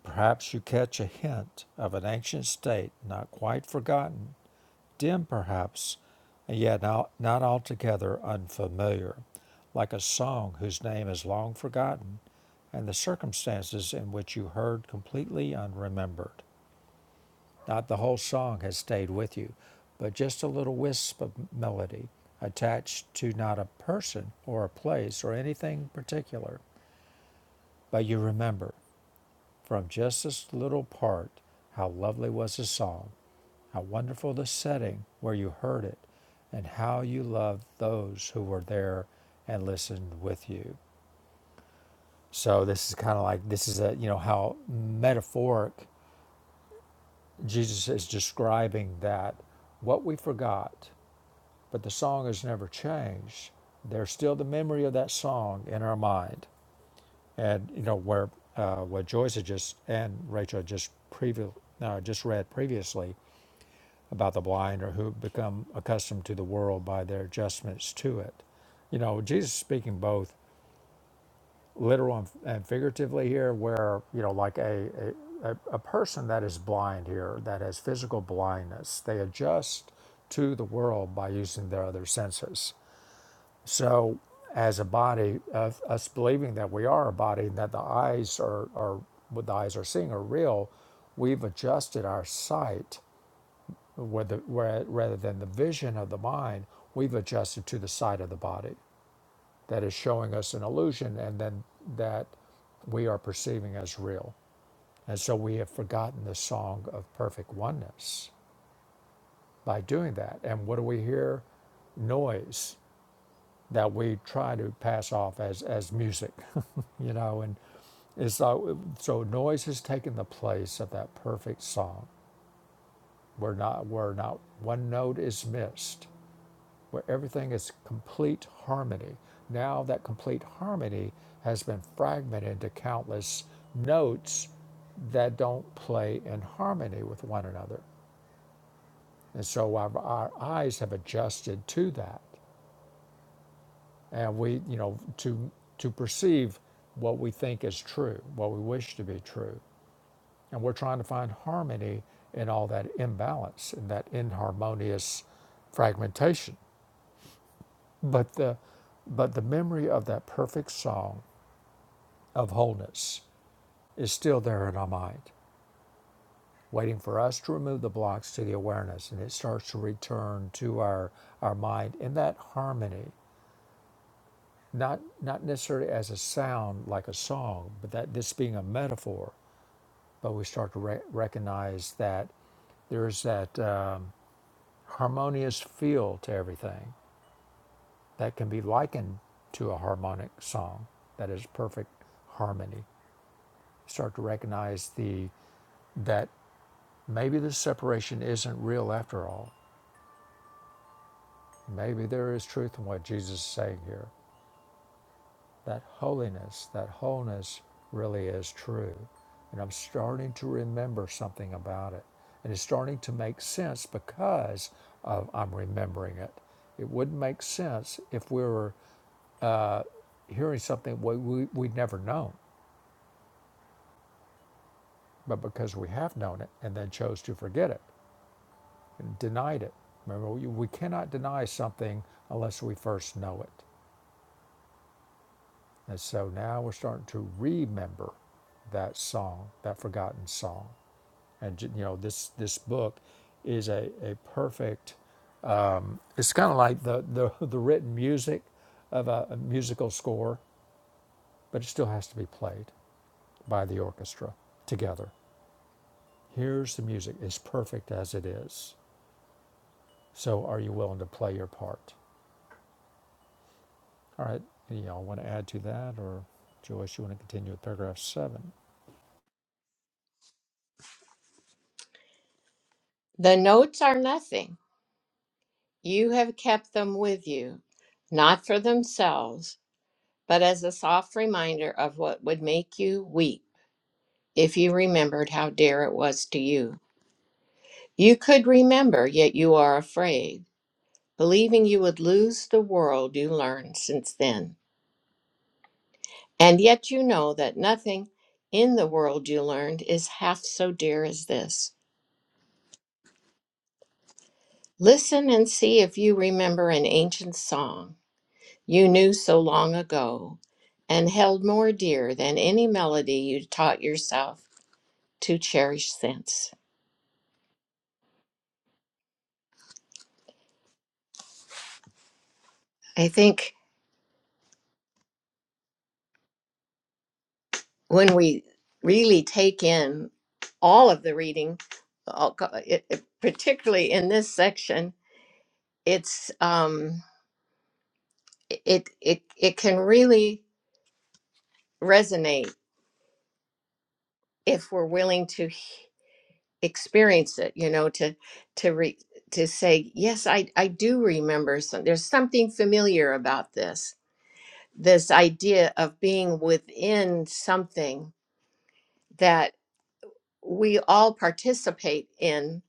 S2: perhaps you catch a hint of an ancient state not quite forgotten, dim perhaps, and yet not, not altogether unfamiliar, like a song whose name is long forgotten and the circumstances in which you heard completely unremembered. Not the whole song has stayed with you, but just a little wisp of melody attached to not a person or a place or anything particular But you remember from just this little part how lovely was the song, how wonderful the setting where you heard it, and how you loved those who were there and listened with you. So this is kind of like this is a you know how metaphoric Jesus is describing that what we forgot, but the song has never changed. There's still the memory of that song in our mind. and you know where uh, what Joyce had just and Rachel had just previ- uh, just read previously about the blind or who become accustomed to the world by their adjustments to it. You know, Jesus is speaking both literal and, and figuratively here, where you know, like a, a a a person that is blind here that has physical blindness, they adjust to the world by using their other senses. So, as a body, uh, us believing that we are a body and that the eyes are, are what the eyes are seeing are real, we've adjusted our sight where the, where, rather than the vision of the mind. We've adjusted to the sight of the body that is showing us an illusion, and then that we are perceiving as real. And so we have forgotten the song of perfect oneness by doing that. And what do we hear? Noise that we try to pass off as, as music, you know, and it's uh, so noise has taken the place of that perfect song. We're not where not one note is missed, where everything is complete harmony. Now that complete harmony has been fragmented into countless notes that don't play in harmony with one another. And so our, our eyes have adjusted to that. and we you know to to perceive what we think is true what we wish to be true and we're trying to find harmony in all that imbalance in that inharmonious fragmentation but the but the memory of that perfect song of wholeness is still there in our mind waiting for us to remove the blocks to the awareness and it starts to return to our our mind in that harmony not not necessarily as a sound like a song but that this being a metaphor but we start to re- recognize that there's that um, harmonious feel to everything that can be likened to a harmonic song that is perfect harmony. Start to recognize the that maybe the separation isn't real after all. Maybe there is truth in what Jesus is saying here. that holiness, that wholeness really is true. And I'm starting to remember something about it. And it's starting to make sense because of I'm remembering it. It wouldn't make sense if we were hearing something we, we, we'd never known, but because we have known it and then chose to forget it and denied it. Remember, we, we cannot deny something unless we first know it. And so now we're starting to remember that song, that forgotten song. and you know this this book is a, a perfect it's kind of like the, the the written music of a, a musical score but it still has to be played by the orchestra together here's the music it's perfect as it is so are you willing to play your part all right any y'all want to add to that or joyce you want to continue with paragraph seven
S1: the notes are nothing. You have kept them with you, not for themselves, but as a soft reminder of what would make you weep if you remembered how dear it was to you. You could remember, yet you are afraid, believing you would lose the world you learned since then. And yet you know that nothing in the world you learned is half so dear as this. Listen and see if you remember an ancient song you knew so long ago and held more dear than any melody you taught yourself to cherish since. I think when we really take in all of the reading, all it, it- particularly in this section, it's um, it it it can really resonate if we're willing to experience it you know to to re, to say yes i i do remember some there's something familiar about this this idea of being within something that we all participate in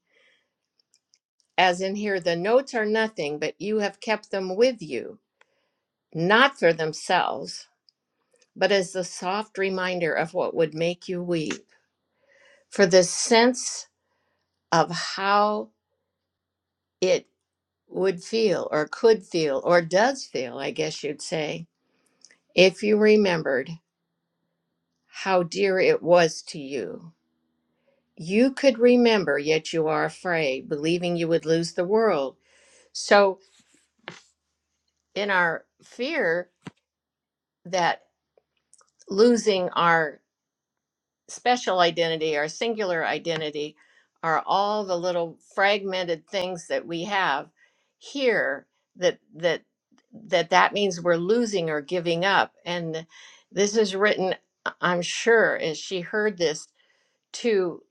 S1: as in here the notes are nothing but you have kept them with you not for themselves but as the soft reminder of what would make you weep for the sense of how it. would feel or could feel or does feel, I guess you'd say, if you remembered how dear it was to you. You could remember, yet you are afraid, believing you would lose the world. So, in our fear that losing our special identity, our singular identity, are all the little fragmented things that we have here that that that that means we're losing or giving up and this is written I- am sure as she heard this to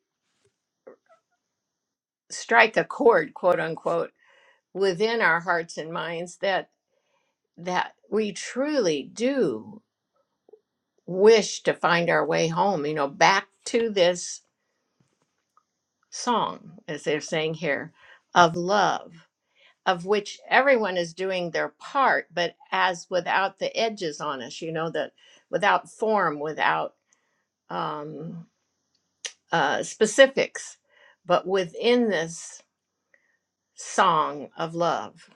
S1: strike a chord quote unquote within our hearts and minds that that we truly do wish to find our way home you know back to this song, as they're saying here, of love, of which everyone is doing their part, but as without the edges on us, you know, that without form, without um, uh, specifics, but within this song of love.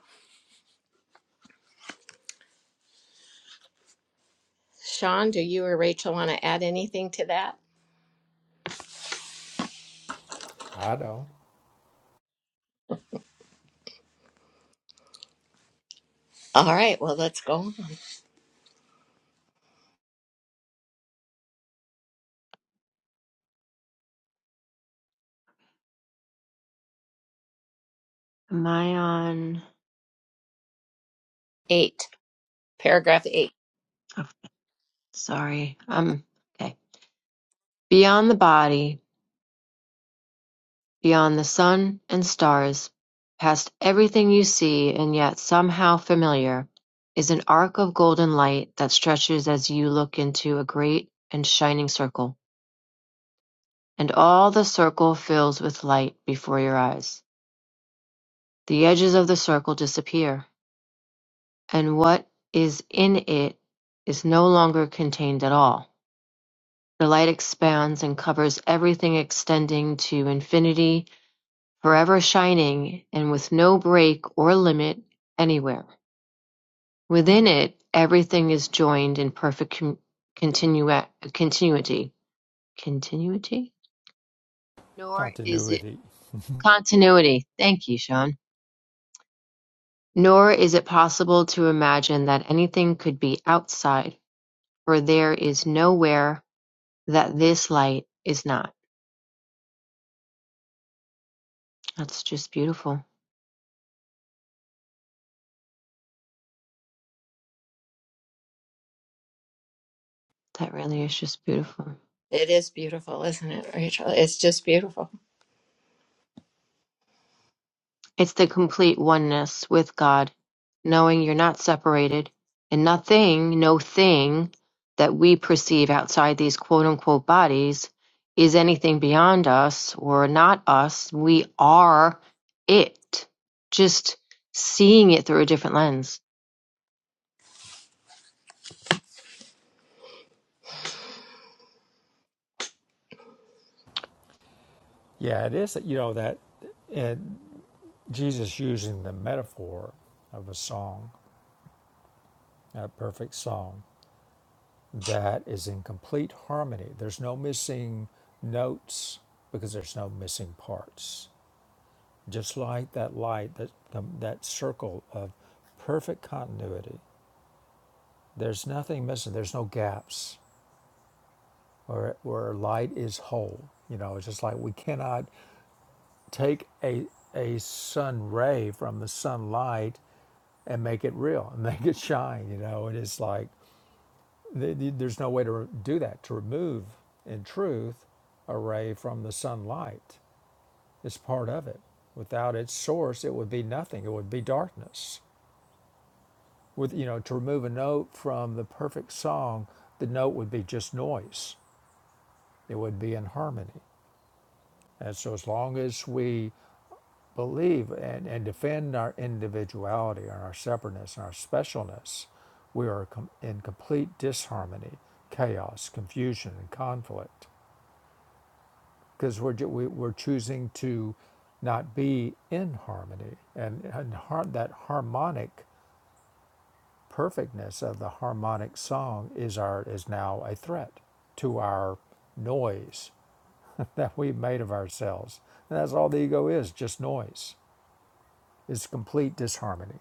S1: Sean, do you or Rachel want to add anything to that?
S2: i don't
S1: All right, well, let's go on.
S3: Am I on?
S1: Eight, paragraph eight.
S3: Oh, sorry. Um, okay. Beyond the body, beyond the sun and stars, past everything you see and yet somehow familiar, is an arc of golden light that stretches as you look into a great and shining circle, and all the circle fills with light before your eyes. The edges of the circle disappear, and what is in it is no longer contained at all. The light expands and covers everything extending to infinity, forever shining and with no break or limit anywhere. Within it, everything is joined in perfect con- continua- continuity. Continuity? Nor is it
S2: continuity
S3: continuity. Thank you, Sean. Nor is it possible to imagine that anything could be outside For there is nowhere that this light is not. That's just beautiful. That really is just beautiful.
S1: It is beautiful, isn't it, Rachel? It's just beautiful.
S3: It's the complete oneness with God, knowing you're not separated, and nothing, no thing that we perceive outside these quote unquote bodies is anything beyond us or not us. We are it, just seeing it through a different lens.
S2: yeah it is you know that and jesus using the metaphor of a song a perfect song that is in complete harmony. There's no missing notes because there's no missing parts. Just like that light, that um, that circle of perfect continuity. There's nothing missing. There's no gaps where where light is whole. You know, it's just like we cannot take a a sun ray from the sunlight and make it real and make it shine. You know, it is like th- th- there's no way to do that to remove in truth a ray from the sunlight it's part of it without its source it would be nothing it would be darkness with you know to remove a note from the perfect song the note would be just noise it would be in harmony and so as long as we believe and, and defend our individuality and our separateness and our specialness we are com- in complete disharmony chaos confusion and conflict because we're, ju- we, we're choosing to not be in harmony. And, and har- that harmonic perfectness of the harmonic song is, our, is now a threat to our noise that we've made of ourselves. And that's all the ego is just noise, it's complete disharmony.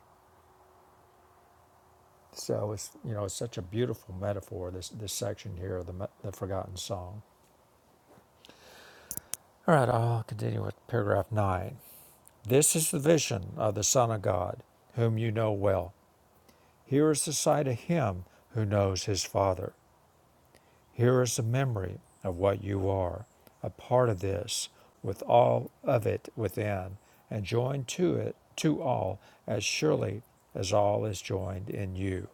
S2: So it's you know it's such a beautiful metaphor this this section here of the me- the forgotten song. All right, I'll continue with paragraph nine. This is the vision of the Son of God, whom you know well. Here is the sight of him who knows his Father. Here is the memory of what you are, a part of this, with all of it within, and joined to it, to all, as surely as all is joined in you.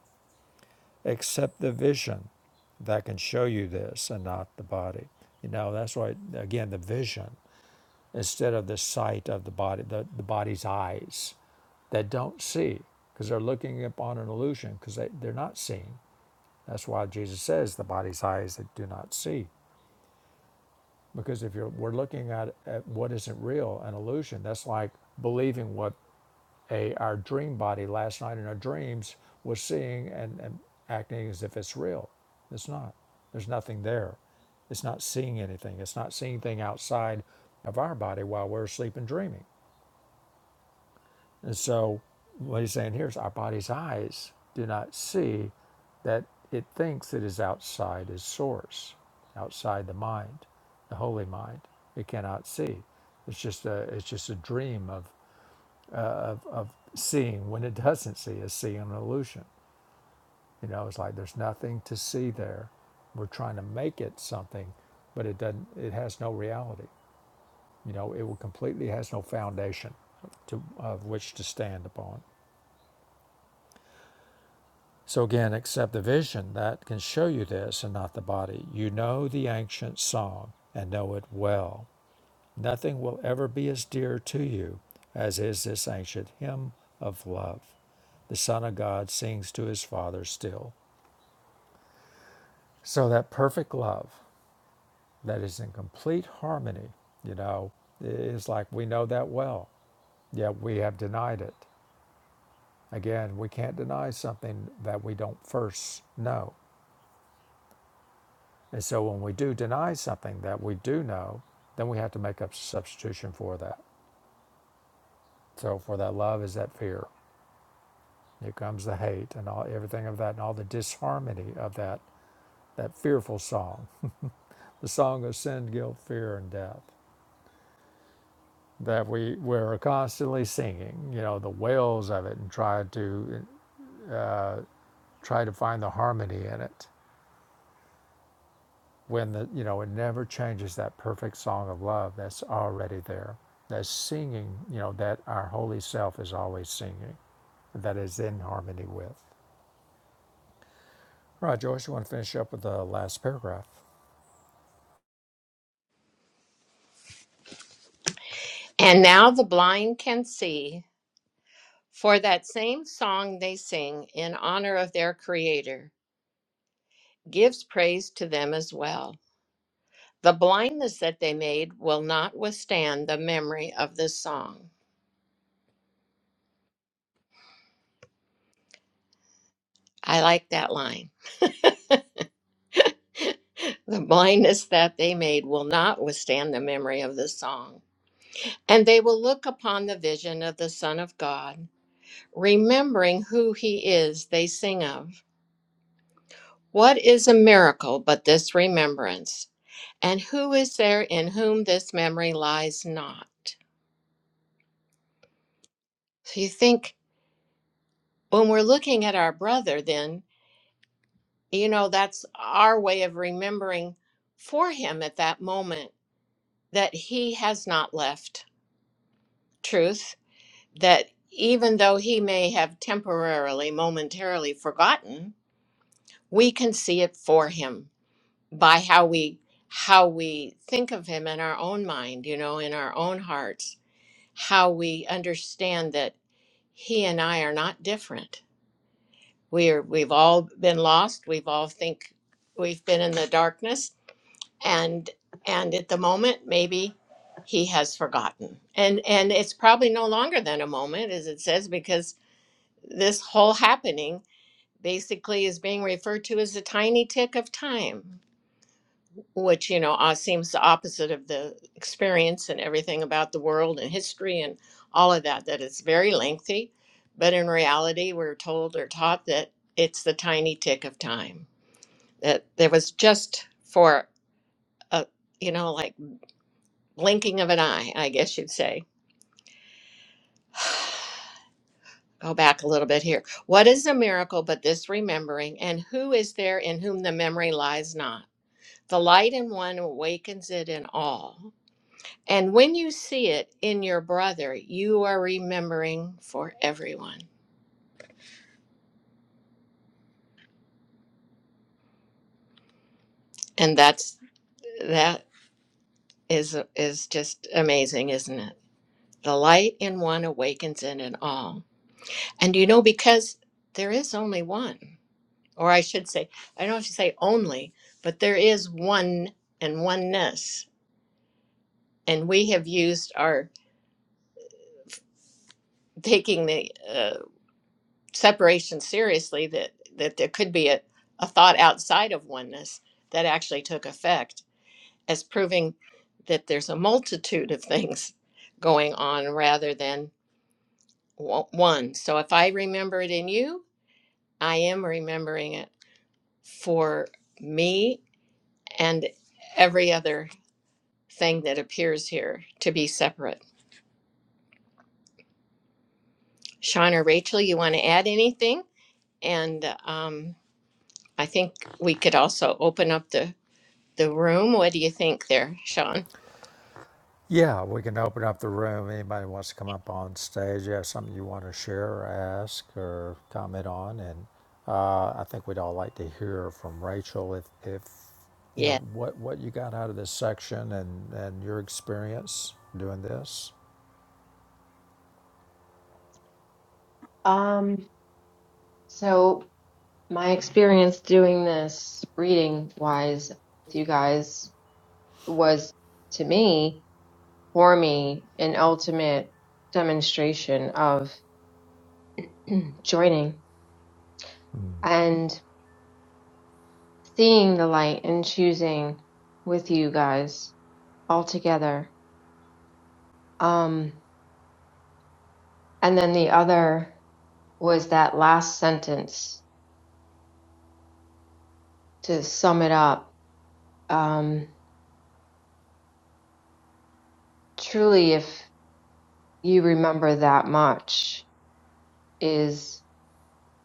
S2: Accept the vision that can show you this and not the body. You know, that's why, again, the vision instead of the sight of the body, the, the body's eyes that don't see because they're looking upon an illusion because they, they're not seeing that's why Jesus says the body's eyes that do not see. Because if you're, we're looking at, at what isn't real, an illusion, that's like believing what a, our dream body last night in our dreams was seeing and, and acting as if it's real. It's not. There's nothing there. It's not seeing anything. It's not seeing anything outside of our body while we're asleep and dreaming. And so, what he's saying here is our body's eyes do not see that it thinks it is outside its source, outside the mind, the holy mind. It cannot see. It's just a it's just a dream of of seeing when it doesn't see is seeing an illusion. You know, it's like there's nothing to see there. We're trying to make it something, but it doesn't. It has no reality. You know, it will completely has no foundation to of which to stand upon. So again, accept the vision that can show you this and not the body. You know the ancient song and know it well. Nothing will ever be as dear to you as is this ancient hymn of love. The Son of God sings to his Father still. So that perfect love that is in complete harmony, you know, is like we know that well, yet we have denied it. Again, we can't deny something that we don't first know. And so when we do deny something that we do know, then we have to make up substitution for that. So for that love is that fear. Here comes the hate and all everything of that and all the disharmony of that that fearful song, the song of sin, guilt, fear, and death that we we're constantly singing. You know the wails of it and try to uh, try to find the harmony in it when the you know it never changes that perfect song of love that's already there that's singing you know that our holy self is always singing that is in harmony with right joyce you want to finish up with the last paragraph
S1: And now the blind can see, For that same song they sing in honor of their Creator gives praise to them as well. The blindness that they made will not withstand the memory of this song. I like that line. The blindness that they made will not withstand the memory of this song. And they will look upon the vision of the Son of God. Remembering who he is, they sing of. What is a miracle but this remembrance? And who is there in whom this memory lies not? So you think when we're looking at our brother, then, you know, that's our way of remembering for him at that moment that he has not left truth, that even though he may have temporarily, momentarily forgotten, we can see it for him by how we how we think of him in our own mind, you know, in our own hearts, how we understand that he and I are not different we're we've all been lost we've all think we've been in the darkness and and at the moment maybe he has forgotten and and it's probably no longer than a moment as it says because this whole happening basically is being referred to as a tiny tick of time which you know uh, seems the opposite of the experience and everything about the world and history and all of that that it's very lengthy but in reality we're told or taught that it's the tiny tick of time that there was just for a you know like blinking of an eye i guess you'd say go back a little bit here what is a miracle but this remembering and who is there in whom the memory lies not the light in one awakens it in all And when you see it in your brother, you are remembering for everyone. And that's that is is just amazing, isn't it? The light in one awakens in it all. And you know because there is only one, or I should say, I don't have to say only, but there is one and oneness. And we have used our taking the uh, separation seriously that that there could be a, a thought outside of oneness that actually took effect as proving that there's a multitude of things going on rather than w- one. So if I remember it in you, I am remembering it for me and every other thing that appears here to be separate. Sean or Rachel, you want to add anything? And um, I think we could also open up the, the room. What do you think there, Sean?
S2: yeah we can open up the room anybody wants to come up on stage you have something you want to share or ask or comment on and uh, i think we'd all like to hear from rachel if if you know
S1: Yeah.
S2: what what you got out of this section and and your experience doing this
S3: Um, so My experience doing this reading wise with you guys was to me, for me, an ultimate demonstration of joining and seeing the light and choosing with you guys all together. Um, and then the other was that last sentence to sum it up. Um, truly, if you remember that much, is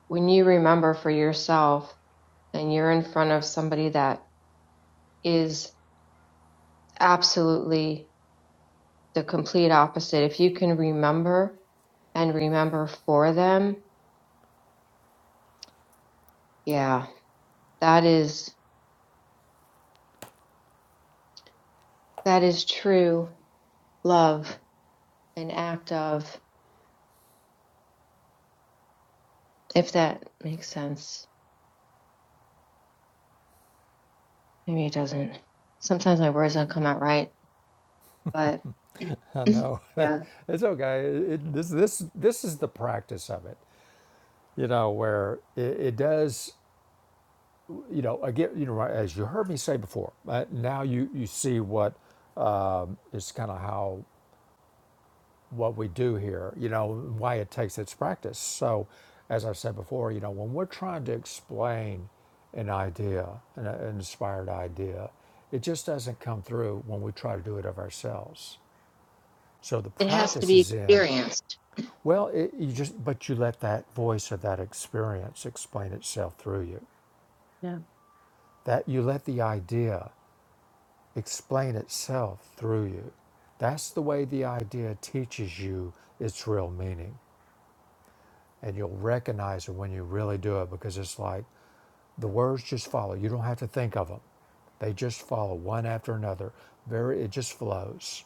S3: when you remember for yourself and you're in front of somebody that is absolutely the complete opposite, if you can remember and remember for them, yeah, that is that is true love, an act of if that makes sense. Maybe it doesn't. Sometimes my words don't come out right, but
S2: I know.
S3: yeah,
S2: It's okay. It, this this this is the practice of it. You know where it, it does. You know again. You know as you heard me say before. Uh, now you you see what is kind of how what we do here. You know why it takes its practice. So as I've said before, you know when we're trying to explain an idea, an, an inspired idea, it just doesn't come through when we try to do it of ourselves. So the
S3: It has to
S2: practice
S3: be
S2: is in
S3: experienced.
S2: Well, it, you just but you let that voice or that experience explain itself through you.
S3: Yeah.
S2: That you let the idea explain itself through you. That's the way the idea teaches you its real meaning, and you'll recognize it when you really do it because it's like the words just follow. You don't have to think of them; they just follow one after another. Very, it just flows.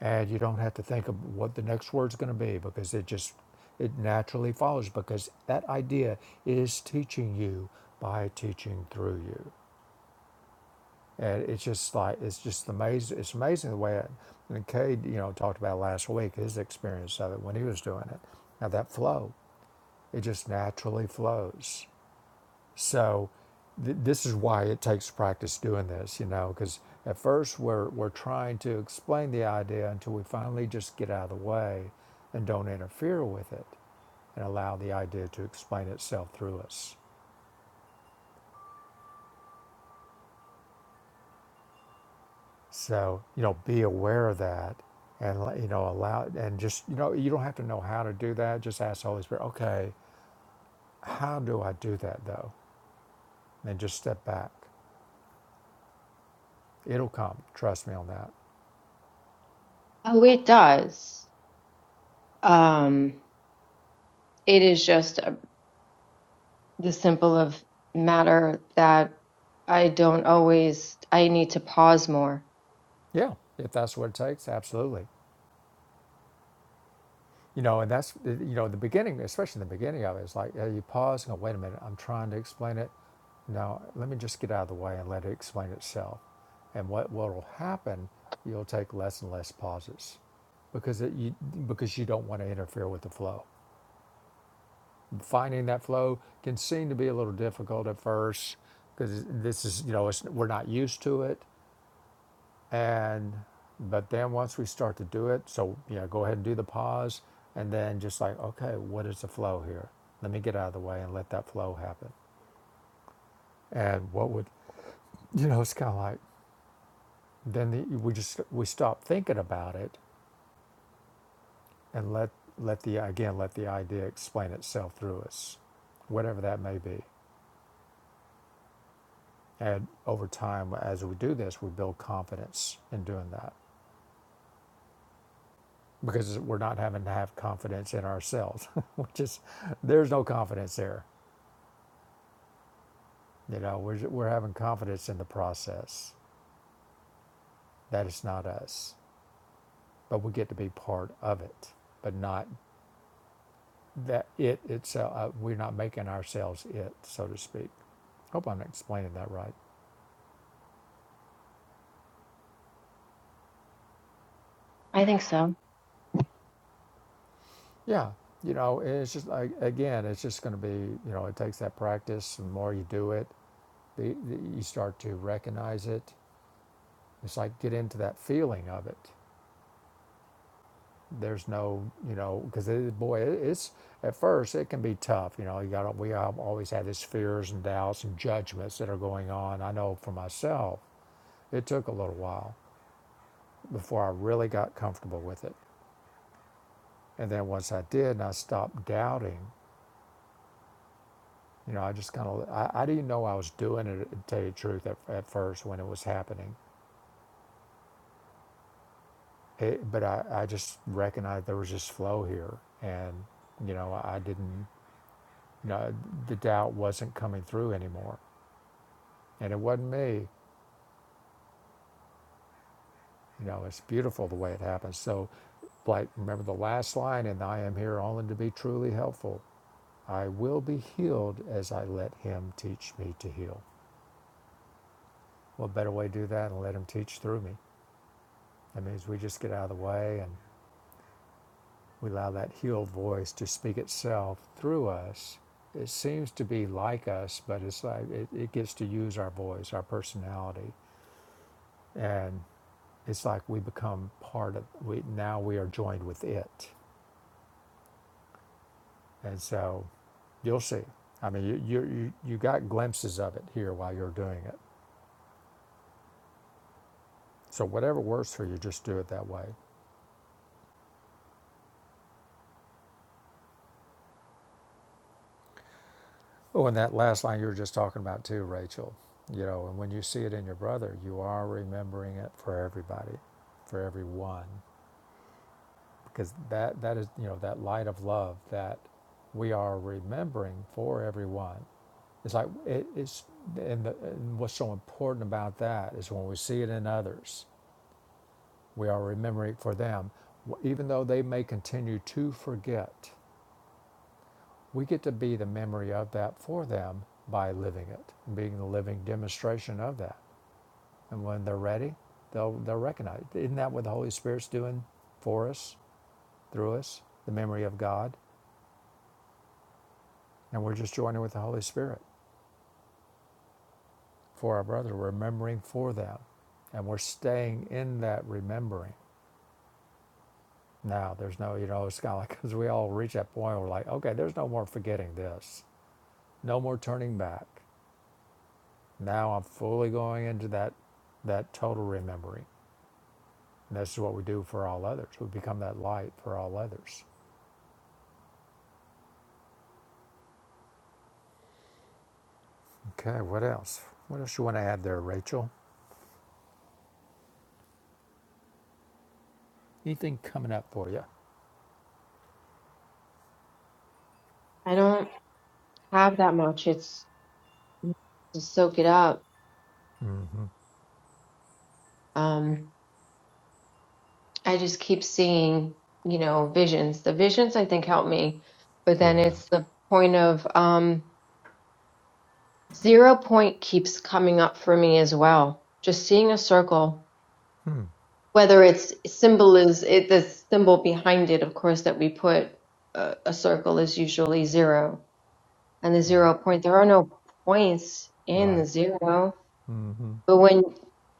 S2: and you don't have to think of what the next word's going to be because it just it naturally follows because that idea is teaching you by teaching through you and it's just like it's just amazing it's amazing the way it, and Cade you know talked about last week his experience of it when he was doing it now that flow it just naturally flows so th- this is why it takes practice doing this, you know, because at first we're we're trying to explain the idea until we finally just get out of the way and don't interfere with it and allow the idea to explain itself through us. So, you know, be aware of that and let- you know, allow and just, you know, you don't have to know how to do that. Just ask the Holy Spirit, okay, how do I do that though? And then just step back. It'll come. Trust me on that.
S3: Oh, it does. Um, it is just. a. the simple of matter that I don't always, I need to pause more.
S2: Yeah, if that's what it takes, absolutely. You know, and that's eh, you know the beginning, especially the beginning of it. It's like uh, you pause and go, "Wait a minute, I'm trying to explain it." Now, let me just get out of the way and let it explain itself. And what what will happen? You'll take less and less pauses because it, you because you don't want to interfere with the flow. Finding that flow can seem to be a little difficult at first because this is you know it's, we're not used to it, and but then once we start to do it so yeah go ahead and do the pause and then just like okay what is the flow here let me get out of the way and let that flow happen and what would you know it's kind of like then the, we just we stop thinking about it and let let the again let the idea explain itself through us whatever that may be and over time as we do this we build confidence in doing that because we're not having to have confidence in ourselves which is there's no confidence there You know, we're, we're having confidence in the process that it's not us, but we get to be part of it, but not that it itself. Uh, we're not making ourselves it, so to speak. Hope I'm explaining that right.
S3: I think so.
S2: Yeah, you know, it's just like again, it's just going to be you know, it takes that practice. The more you do it, the, the, you start to recognize it. It's like get into that feeling of it there's no you know because it, boy it's at first it can be tough you know you got we al- always have these fears and doubts and judgments that are going on i know for myself it took a little while before i really got comfortable with it and then once i did and i stopped doubting you know i just kind of I, I didn't know i was doing it to tell you the truth at, at first when it was happening it, but I, I just recognized there was just flow here and you know i didn't you know the doubt wasn't coming through anymore and it wasn't me. You know, it's beautiful the way it happens. So, like, remember the last line, and I am here only to be truly helpful. I will be healed as I let Him teach me to heal. What better way to do that and let Him teach through me? That means we just get out of the way and we allow that healed voice to speak itself through us. It seems to be like us, but it's like it, it gets to use our voice, our personality, and it's like we become part of. We now we are joined with it And so you'll see. I mean, you, you, you, you got glimpses of it here while you're doing it. So whatever works for you, just do it that way. Oh, and that last line you were just talking about too, Rachel. You know, and when you see it in your brother, you are remembering it for everybody, for everyone, because that that is you know that light of love that we are remembering for everyone. It's like it, it's and, the, and what's so important about that is when we see it in others, We are remembering for them. Even though they may continue to forget, we get to be the memory of that for them by living it, being the living demonstration of that. And when they're ready, they'll, they'll recognize. it. Isn't that what the Holy Spirit's doing for us, through us, the memory of God? And we're just joining with the Holy Spirit for our brother, We're remembering for them. And we're staying in that remembering. Now, there's no, you know, it's kind of like, because we all reach that point where we're like, okay, there's no more forgetting this. No more turning back. Now I'm fully going into that that total remembering. And this is what we do for all others. We become that light for all others. Okay, what else? What else you want to add there, Rachel? Anything coming up for you?
S3: I don't have that much. It's to soak it up. Um, I just keep seeing, you know, visions. The visions I think help me, but then
S2: Yeah.
S3: it's the point of um, zero point keeps coming up for me as well. Just seeing a circle,
S2: Hmm.
S3: whether it's symbol is it the symbol behind it, of course, that we put a, a circle is usually zero and the
S2: Right.
S3: zero point. There are no points in the
S2: Right.
S3: zero.
S2: Mm-hmm.
S3: But when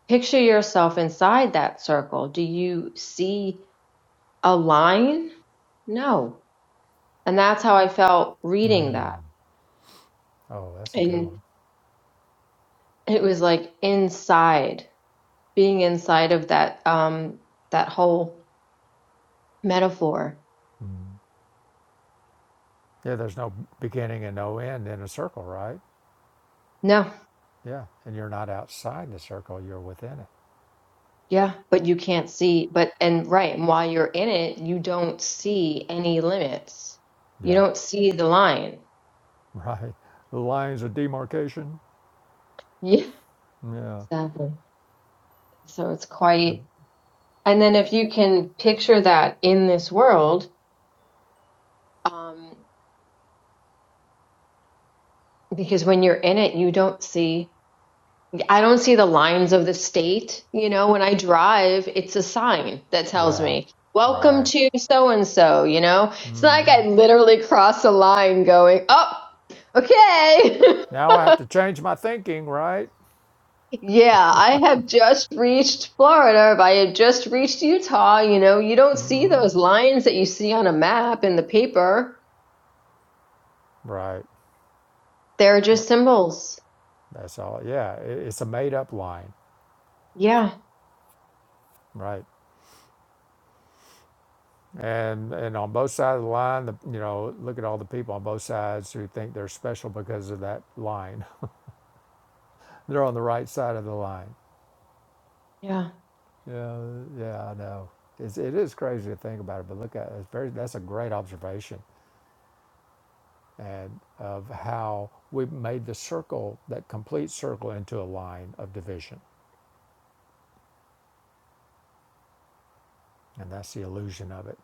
S3: picture yourself inside that circle, do you see a line? No. And that's how I felt reading
S2: Mm.
S3: that.
S2: Oh, that's a good
S3: And
S2: one.
S3: it was like inside, being inside of that um that whole metaphor.
S2: Mm. Yeah, there's no beginning and no end in a circle, right?
S3: No.
S2: Yeah. And you're not outside the circle, you're within it.
S3: Yeah, but you can't see, but and right, and while you're in it, you don't see any limits. You
S2: Yeah.
S3: don't see the line.
S2: Right. The lines of demarcation.
S3: Yeah,
S2: Yeah.
S3: exactly. So it's
S2: The
S3: quite, and then if you can picture that in this world, um, because when you're in it, you don't see, I don't see the lines of the state. You know, when I drive, it's a sign that tells
S2: Yeah.
S3: me, welcome
S2: Right.
S3: to so and so, you know? It's not like
S2: Mm-hmm.
S3: I literally cross a line going, oh, okay.
S2: Now I have to change my thinking, right?
S3: Yeah, I have just reached Florida. If I had just reached Utah, you know, you don't see those lines that you see on a map in the paper.
S2: Right.
S3: They're just symbols.
S2: That's all. Yeah, i- it's a made-up line,
S3: Yeah,
S2: right? And and on both sides of the line, the, you know, look at all the people on both sides who think they're special because of that line. They're on the right side of the line.
S3: yeah,
S2: Yeah, yeah, I know. It's, it is crazy to think about it, but look at it. It's very. That's a great observation, and of how we made the circle, that complete circle, into a line of division And that's the illusion of it.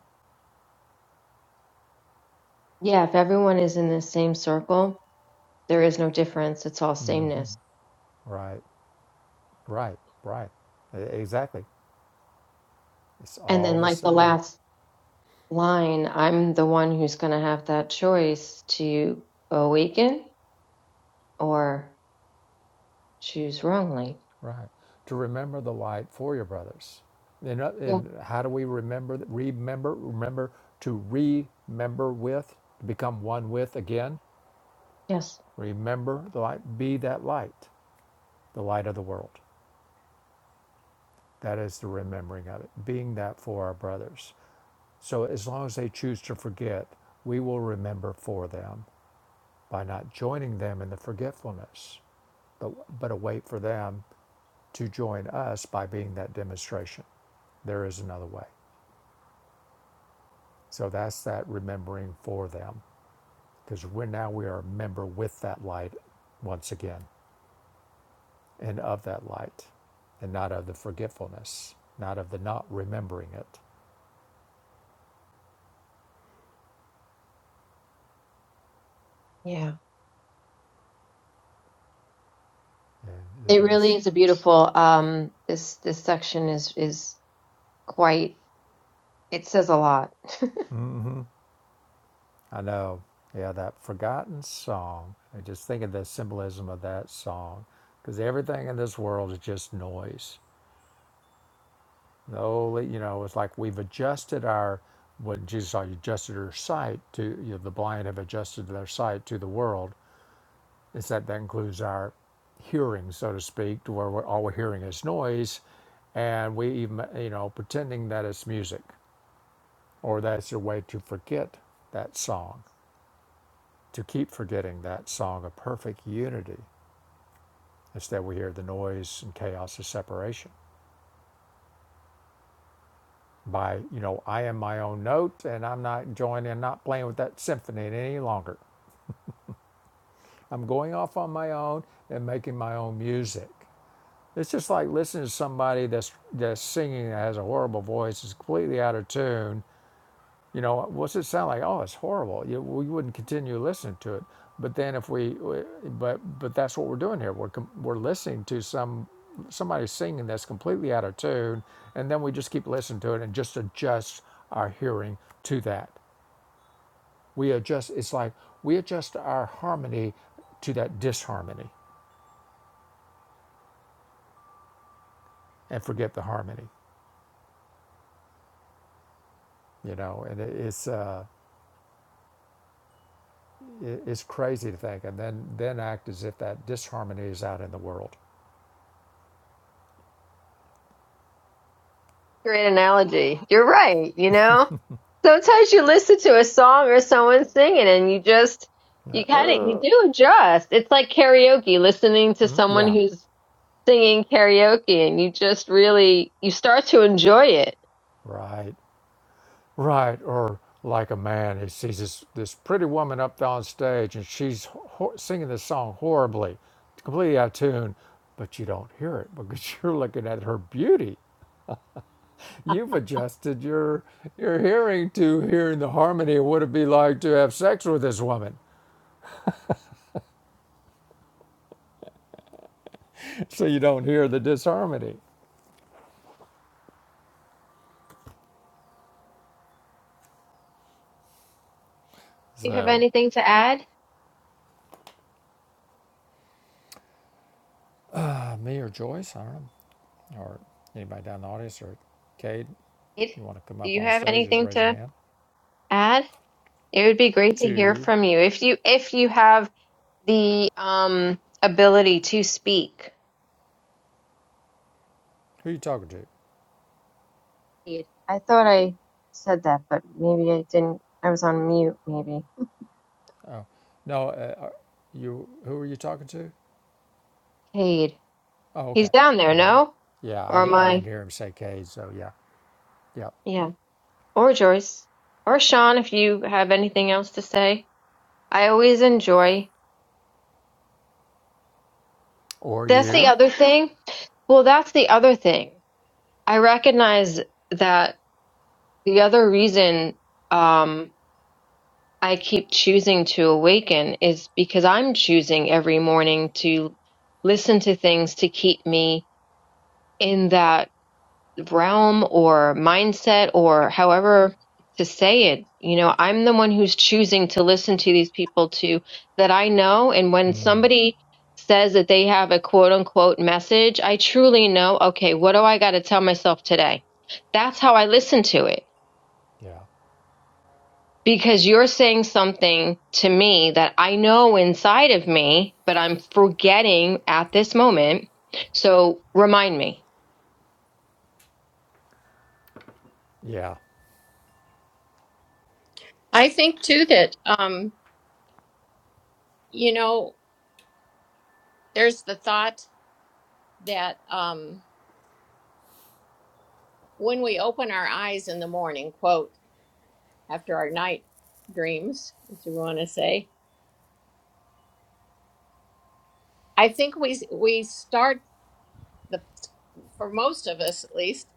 S3: yeah. If everyone is in the same circle, there is no difference. It's all
S2: Mm-hmm.
S3: sameness.
S2: Right, right, right. E- Exactly. It's
S3: And
S2: all
S3: then,
S2: the
S3: like the
S2: same.
S3: last line, I'm the one who's going to have that choice to awaken or choose wrongly.
S2: Right. To remember the light for your brothers. And, uh,
S3: Yeah.
S2: and how do we remember, remember, remember, to remember with, to become one with again?
S3: Yes.
S2: Remember the light, be that light, the light of the world. That is the remembering of it, being that for our brothers. So as long as they choose to forget, we will remember for them. by not joining them in the forgetfulness, but, but a wait for them to join us by being that demonstration. There is another way. So that's that remembering for them, because we're now we are a member with that light once again, and of that light, and not of the forgetfulness, not of the not remembering it.
S3: Yeah.
S2: And
S3: It really
S2: that's
S3: is a beautiful. Um, this this section is is quite. It says a lot.
S2: mm-hmm, I know. Yeah, that forgotten song. I just think of the symbolism of that song because everything in this world is just noise. The holy, you know, it's like we've adjusted our what Jesus saw. You adjusted your sight to you know, the blind have adjusted their sight to the world. It's that that includes our hearing, so to speak, to where we're, all we're hearing is noise, and we even you know pretending that it's music or that's a way to forget that song, to keep forgetting that song of perfect unity. Instead, we hear the noise and chaos of separation. by, you know, I am my own note and I'm not joining, not playing with that symphony any longer. I'm going off on my own and making my own music. It's just like listening to somebody that's that's singing that has a horrible voice, is completely out of tune. You know, what's it sound like? Oh, it's horrible. You, we wouldn't continue listening to it. But then if we, but but that's what we're doing here. We're we're listening to some somebody singing that's completely out of tune, and then we just keep listening to it and just adjust our hearing to that. We adjust, it's like we adjust our harmony to that disharmony and forget the harmony, you know, and it's, uh, it's crazy to think and then, then act as if that disharmony is out in the world.
S3: Great analogy. You're right. You know. sometimes you listen to a song or someone singing and you just you kind of you
S2: Uh,
S3: do adjust it's like karaoke listening to someone
S2: Yeah,
S3: who's singing karaoke and you just really you start to enjoy it
S2: right, right. Or like a man, he sees this, this pretty woman up on stage and she's ho- singing this song horribly, completely out of tune, but you don't hear it because you're looking at her beauty. You've adjusted your your hearing to hearing the harmony of what it'd be like to have sex with this woman, so you don't hear the disharmony.
S3: do you have
S2: So,
S3: anything to add
S2: uh, me or Joyce, I don't know, or anybody down in the audience, or Cade,
S3: It-
S2: you want to come
S3: do
S2: up
S3: you
S2: on
S3: have
S2: stage? Just
S3: anything
S2: raise your
S3: to
S2: hand.
S3: add it would be great to hear
S2: To
S3: from you if you if you have the um ability to speak
S2: who are you talking to?
S3: i thought i said that but maybe i didn't i was on mute maybe
S2: Oh, no, uh, uh, you. Who are you talking to?
S3: Cade.
S2: Oh,
S3: he's
S2: okay,
S3: down there
S2: okay.
S3: no
S2: Yeah, I,
S3: or
S2: di- I didn't
S3: my
S2: hear him say Cade, so yeah, yeah.
S3: yeah or joyce or sean if you have anything else to say i always enjoy
S2: Or
S3: that's the
S2: you?
S3: other thing well that's the other thing i recognize that the other reason um i keep choosing to awaken is because i'm choosing every morning to listen to things to keep me in that realm or mindset or however to say it you know i'm the one who's choosing to listen to these people to that i know and when
S2: Mm,
S3: somebody says that they have a quote unquote message i truly know okay what do i got to tell myself today that's how i listen to it
S2: Yeah,
S3: because you're saying something to me that i know inside of me but i'm forgetting at this moment so remind me
S2: yeah.
S1: I think too that, um, you know, there's the thought that um, when we open our eyes in the morning, quote, after our night dreams, as you want to say, I think we we start the for most of us at least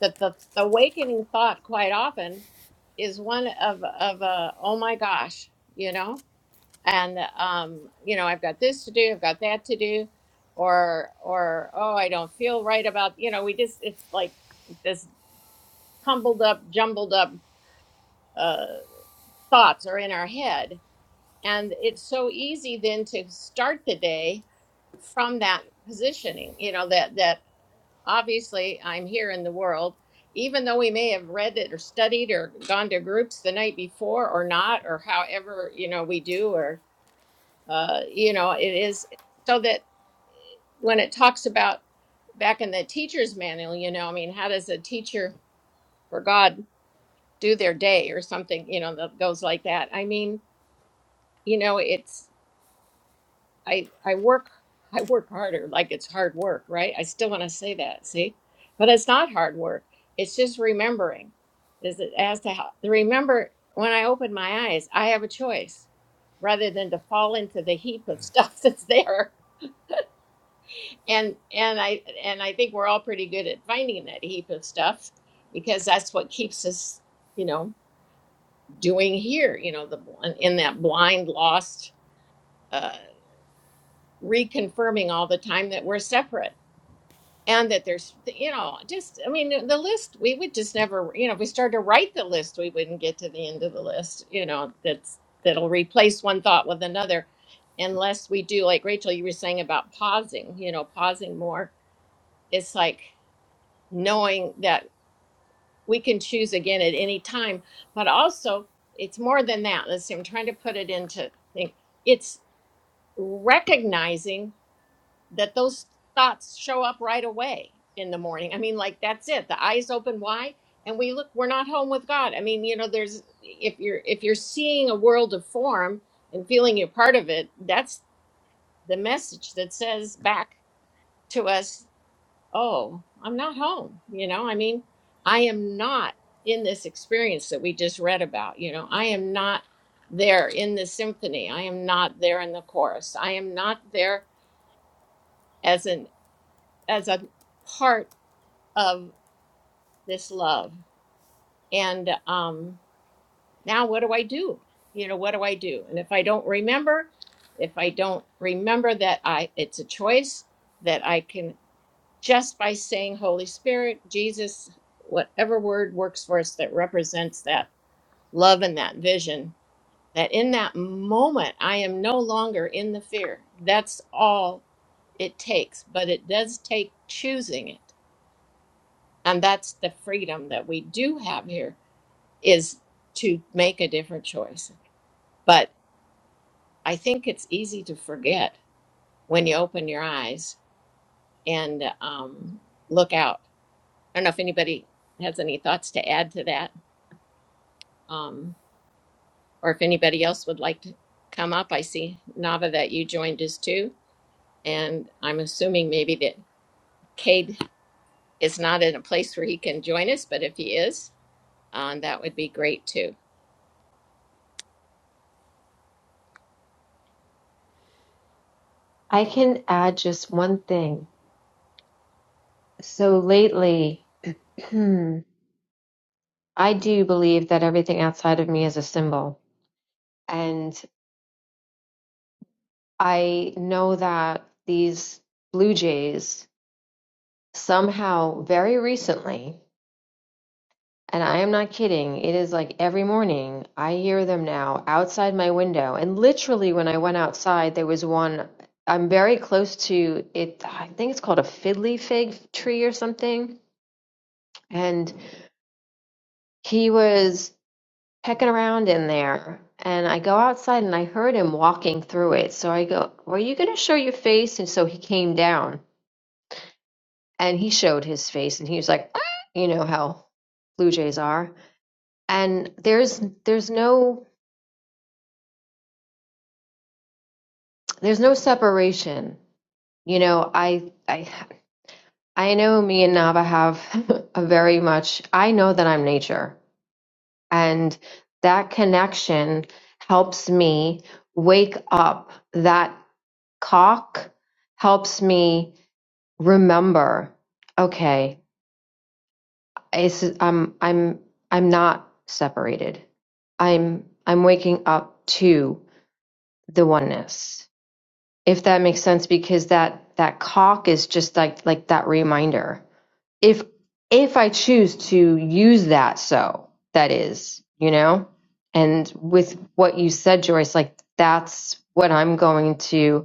S1: that the awakening thought quite often is one of of a oh my gosh, you know, and um, you know I've got this to do, I've got that to do, or or oh I don't feel right about you know we just it's like this tumbled up, jumbled up uh thoughts are in our head. And it's so easy then to start the day from that positioning, you know, that that obviously I'm here in the world, even though we may have read it or studied or gone to groups the night before or not, or however, you know, we do, or uh, you know, it is so that when it talks about back in the teacher's manual, you know, I mean, how does a teacher for God do their day or something, you know, that goes like that? I mean, you know, it's I I work I work harder, like it's hard work, right? I still want to say that, see? But it's not hard work. It's just remembering. Is it as to how remember when I open my eyes, I have a choice rather than to fall into the heap of stuff that's there. And and I and I think we're all pretty good at finding that heap of stuff because that's what keeps us, you know, doing here, you know, the bl- in that blind lost uh reconfirming all the time that we're separate and that there's you know just i mean the list we would just never you know if we started to write the list we wouldn't get to the end of the list you know that's that'll replace one thought with another unless we do like rachel you were saying about pausing you know pausing more it's like knowing that we can choose again at any time but also it's more than that let's see i'm trying to put it into think it's recognizing that those thoughts show up right away in the morning. I mean, like that's it. The eyes open wide and we look, we're not home with God. I mean, you know, there's if you're if you're seeing a world of form and feeling you're part of it, that's the message that says back to us, oh, I'm not home. You know, I mean, I am not in this experience that we just read about. You know, I am not there in the symphony. I am not there in the chorus. I am not there as an as a part of this love. And um, now what do I do? You know, what do I do? And if I don't remember, if I don't remember that I it's a choice that I can just by saying Holy Spirit, Jesus, whatever word works for us that represents that love and that vision, that in that moment I am no longer in the fear. That's all it takes, but it does take choosing it and that's the freedom that we do have here is to make a different choice but i think it's easy to forget when you open your eyes and um, look out i don't know if anybody has any thoughts to add to that um, or if anybody else would like to come up i see nava that you joined us too and i'm assuming maybe that cade is not in a place where he can join us but if he is um, that would be great too
S3: i can add just one thing So lately, I do believe that everything outside of me is a symbol. And I know that these blue jays somehow very recently, and I am not kidding, it is like every morning I hear them now outside my window. And literally, when I went outside, there was one. I'm very close to it. I think it's called a fiddly fig tree or something. And he was. pecking around in there and I go outside and I heard him walking through it. So I go, Were you going to show your face? And so he came down and he showed his face and he was like, "Ah," You know how Blue Jays are. And there's there's no there's no separation. You know, I I I know me and Nava have a very much I know that I'm nature and that connection helps me wake up that Cock helps me remember, okay, it's, I'm I'm I'm not separated. I'm I'm waking up to the oneness. If that makes sense because that that cock is just like like that reminder. If if I choose to use that so that is, you know? And with what you said Joyce like that's what I'm going to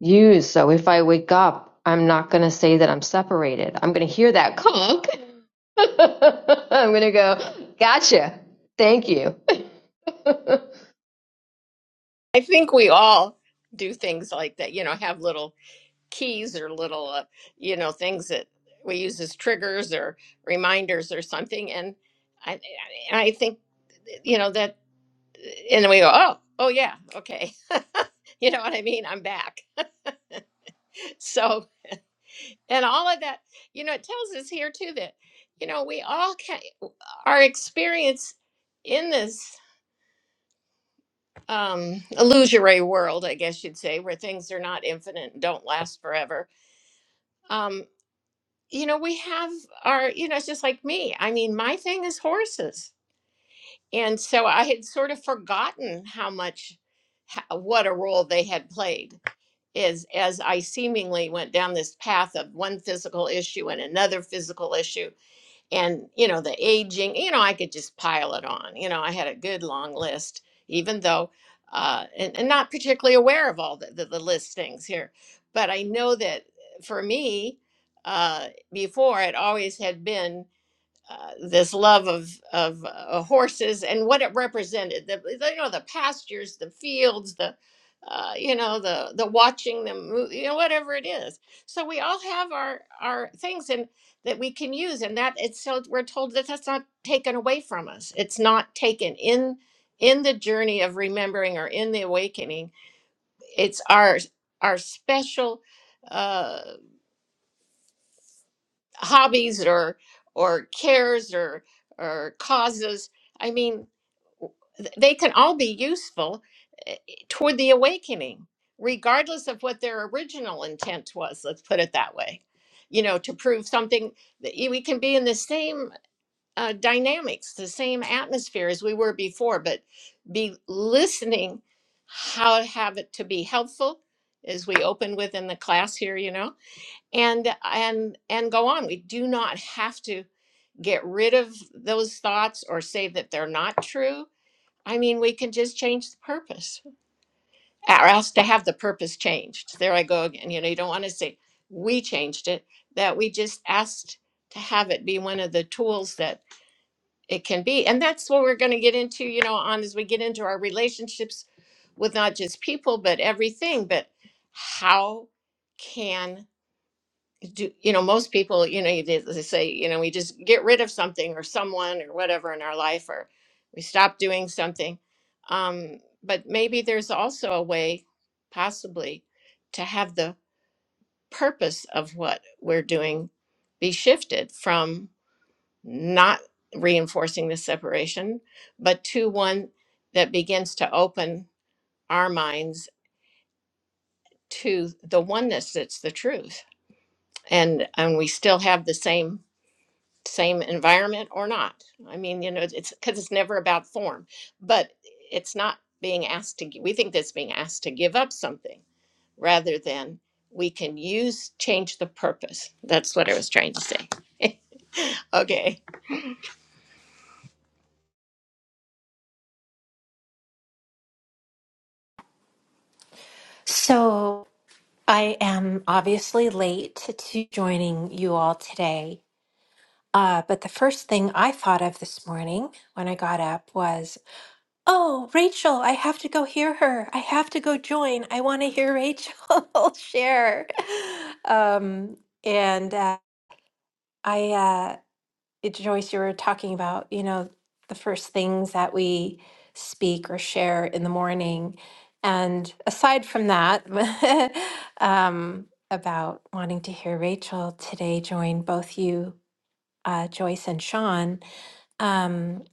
S3: you. So if I wake up, I'm not going to say that I'm separated. I'm going to hear that conk. I'm going to go, gotcha. Thank you.
S1: I think we all do things like that, you know, have little keys or little, uh, you know, things that we use as triggers or reminders or something. And I, I I think, you know, that, and then we go, oh, oh, yeah, okay. you know what I mean? I'm back. So, and all of that, you know, it tells us here too that, you know, we all can, our experience in this um illusory world i guess you'd say where things are not infinite and don't last forever um you know we have our you know it's just like me i mean my thing is horses and so i had sort of forgotten how much ho- what a role they had played is as i seemingly went down this path of one physical issue and another physical issue and you know the aging you know i could just pile it on you know i had a good long list even though uh and, and not particularly aware of all the, the, the list things here but i know that for me uh before it always had been uh, this love of of uh, horses and what it represented the, the you know the pastures the fields the uh, you know the the watching them move, you know whatever it is so we all have our our things and that we can use and that it's so we're told that that's not taken away from us it's not taken in in the journey of remembering or in the awakening it's our our special Uh, hobbies or or cares or or causes i mean th- they can all be useful eh, eh, toward the awakening regardless of what their original intent was let's put it that way you know to prove something that y- we can be in the same uh, dynamics the same atmosphere as we were before but be listening how to have it to be helpful as we open with in the class here you know and and and go on we do not have to get rid of those thoughts or say that they're not true i mean we can just change the purpose or else to have the purpose changed there i go again you know you don't want to say we changed it that we just asked to have it be one of the tools that it can be and that's what we're going to get into you know on as we get into our relationships with not just people but everything but how can? do you know most people you know they, they say you know we just get rid of something or someone or whatever in our life or we stop doing something um but maybe there's also a way possibly to have the purpose of what we're doing be shifted from not reinforcing the separation but to one that begins to open our minds to the oneness that's the truth and and we still have the same same environment or not. I mean, you know, it's because it's never about form, but it's not being asked to, gi- we think that's being asked to give up something rather than we can use, change the purpose. That's what I was trying to say. Okay.
S4: So I am obviously late to joining you all today. Uh, but the first thing I thought of this morning when I got up was, oh, Rachel, I have to go hear her. I have to go join. I want to hear Rachel share. Um, and uh, I uh, it, Joyce, you were talking about, you know, the first things that we speak or share in the morning. And aside from that, um, about wanting to hear Rachel today join both you, uh, Joyce and Sean, um,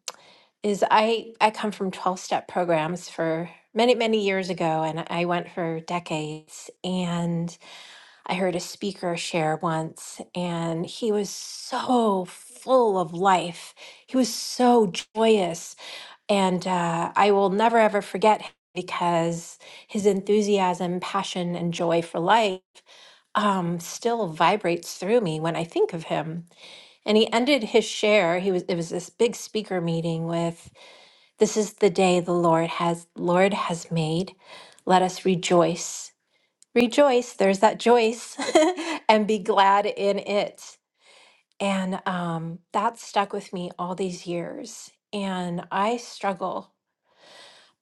S4: is I, I come from 12 step programs for many, many years ago, and I went for decades. And I heard a speaker share once, and he was so full of life. He was so joyous. And uh, I will never, ever forget him because his enthusiasm, passion, and joy for life um, still vibrates through me when I think of him. And he ended his share. He was it was this big speaker meeting with, "This is the day the Lord has Lord has made. Let us rejoice rejoice there's that joyce and be glad in it and um, that stuck with me all these years and i struggle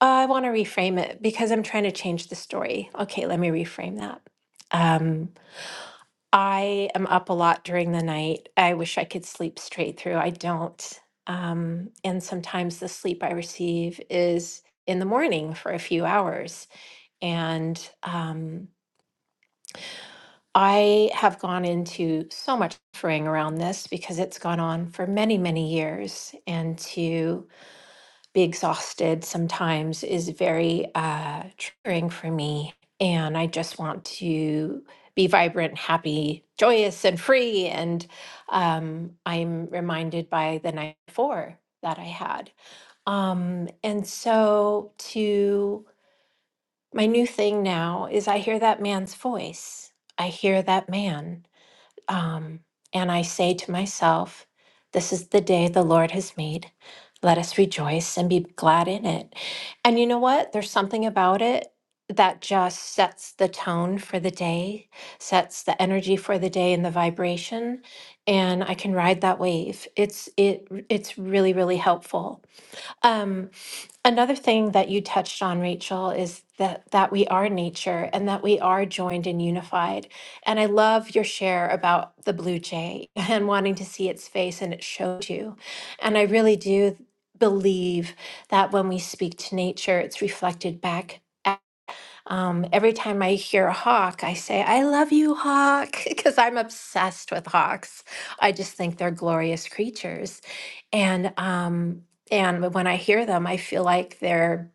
S4: i want to reframe it because i'm trying to change the story okay let me reframe that um, i am up a lot during the night i wish i could sleep straight through i don't um, and sometimes the sleep i receive is in the morning for a few hours and um, I have gone into so much fraying around this because it's gone on for many, many years. And to be exhausted sometimes is very uh, triggering for me. And I just want to be vibrant, happy, joyous, and free. And um, I'm reminded by the night before that I had. Um, and so, to my new thing now is I hear that man's voice, I hear that man. Um, and I say to myself, this is the day the Lord has made. Let us rejoice and be glad in it. And you know what? There's something about it that just sets the tone for the day, sets the energy for the day and the vibration, and I can ride that wave. It's it it's really really helpful. Um, Another thing that you touched on, Rachel, is that that we are nature and that we are joined and unified. And I love your share about the blue jay and wanting to see its face and it showed you. And I really do believe that when we speak to nature, it's reflected back. at- Um, every time I hear a hawk, I say, I love you, hawk, because I'm obsessed with hawks. I just think they're glorious creatures and um and when i hear them i feel like they're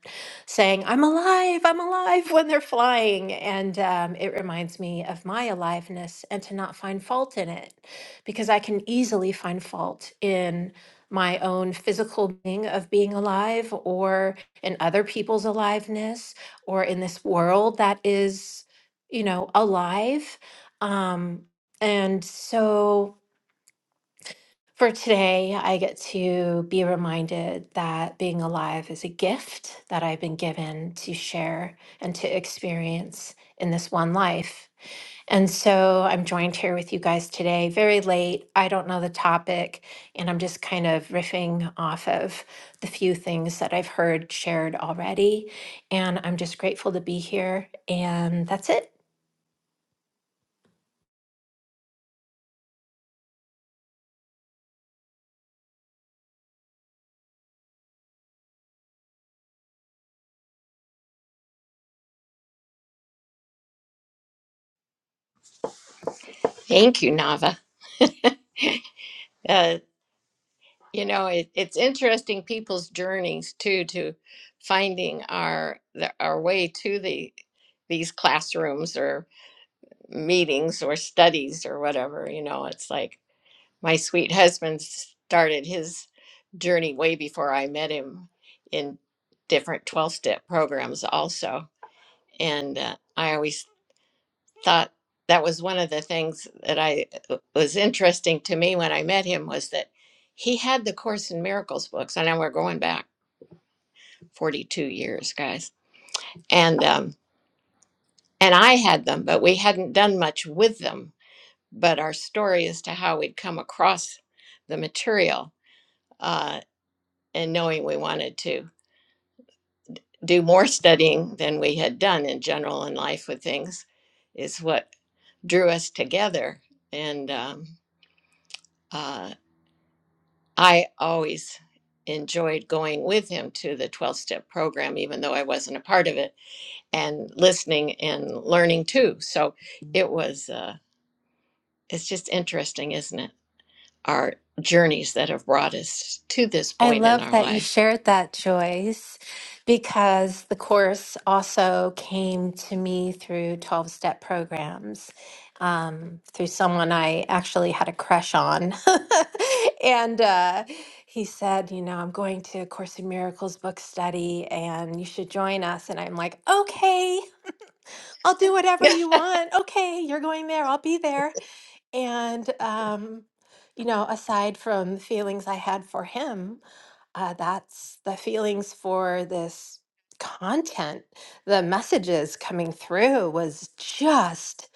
S4: saying i'm alive i'm alive when they're flying and um, it reminds me of my aliveness and to not find fault in it because i can easily find fault in my own physical being of being alive or in other people's aliveness or in this world that is you know alive um and so for today, I get to be reminded that being alive is a gift that I've been given to share and to experience in this one life. And so I'm joined here with you guys today, very late. I don't know the topic, and I'm just kind of riffing off of the few things that I've heard shared already. And I'm just grateful to be here. And that's it.
S1: Thank you, Nava. Uh, you know, it, it's interesting people's journeys too to finding our the, our way to the these classrooms or meetings or studies or whatever. You know, it's like my sweet husband started his journey way before I met him in different 12 step programs, also. And uh, I always thought that was one of the things that I uh, was interesting to me when I met him was that he had the Course in Miracles books. I know we're going back 42 years, guys. And, um, and I had them, but we hadn't done much with them. But our story as to how we'd come across the material uh, and knowing we wanted to do more studying than we had done in general in life with things is what drew us together. And um, uh, I always enjoyed going with him to the 12 step program, even though I wasn't a part of it, and listening and learning too. So it was, uh, it's just interesting, isn't it? Our journeys that have brought us to this
S4: I
S1: point in
S4: love
S1: our
S4: that you
S1: life.
S4: shared that, Joyce, because the course also came to me through 12 step programs, um, through someone I actually had a crush on. and uh, he said, You know, I'm going to a Course in Miracles book study and you should join us. And I'm like, Okay, I'll do whatever
S1: yeah,
S4: you want. Okay, you're going there. I'll be there. And, um, you know, aside from the feelings I had for him, uh, that's the feelings for this content. The messages coming through was just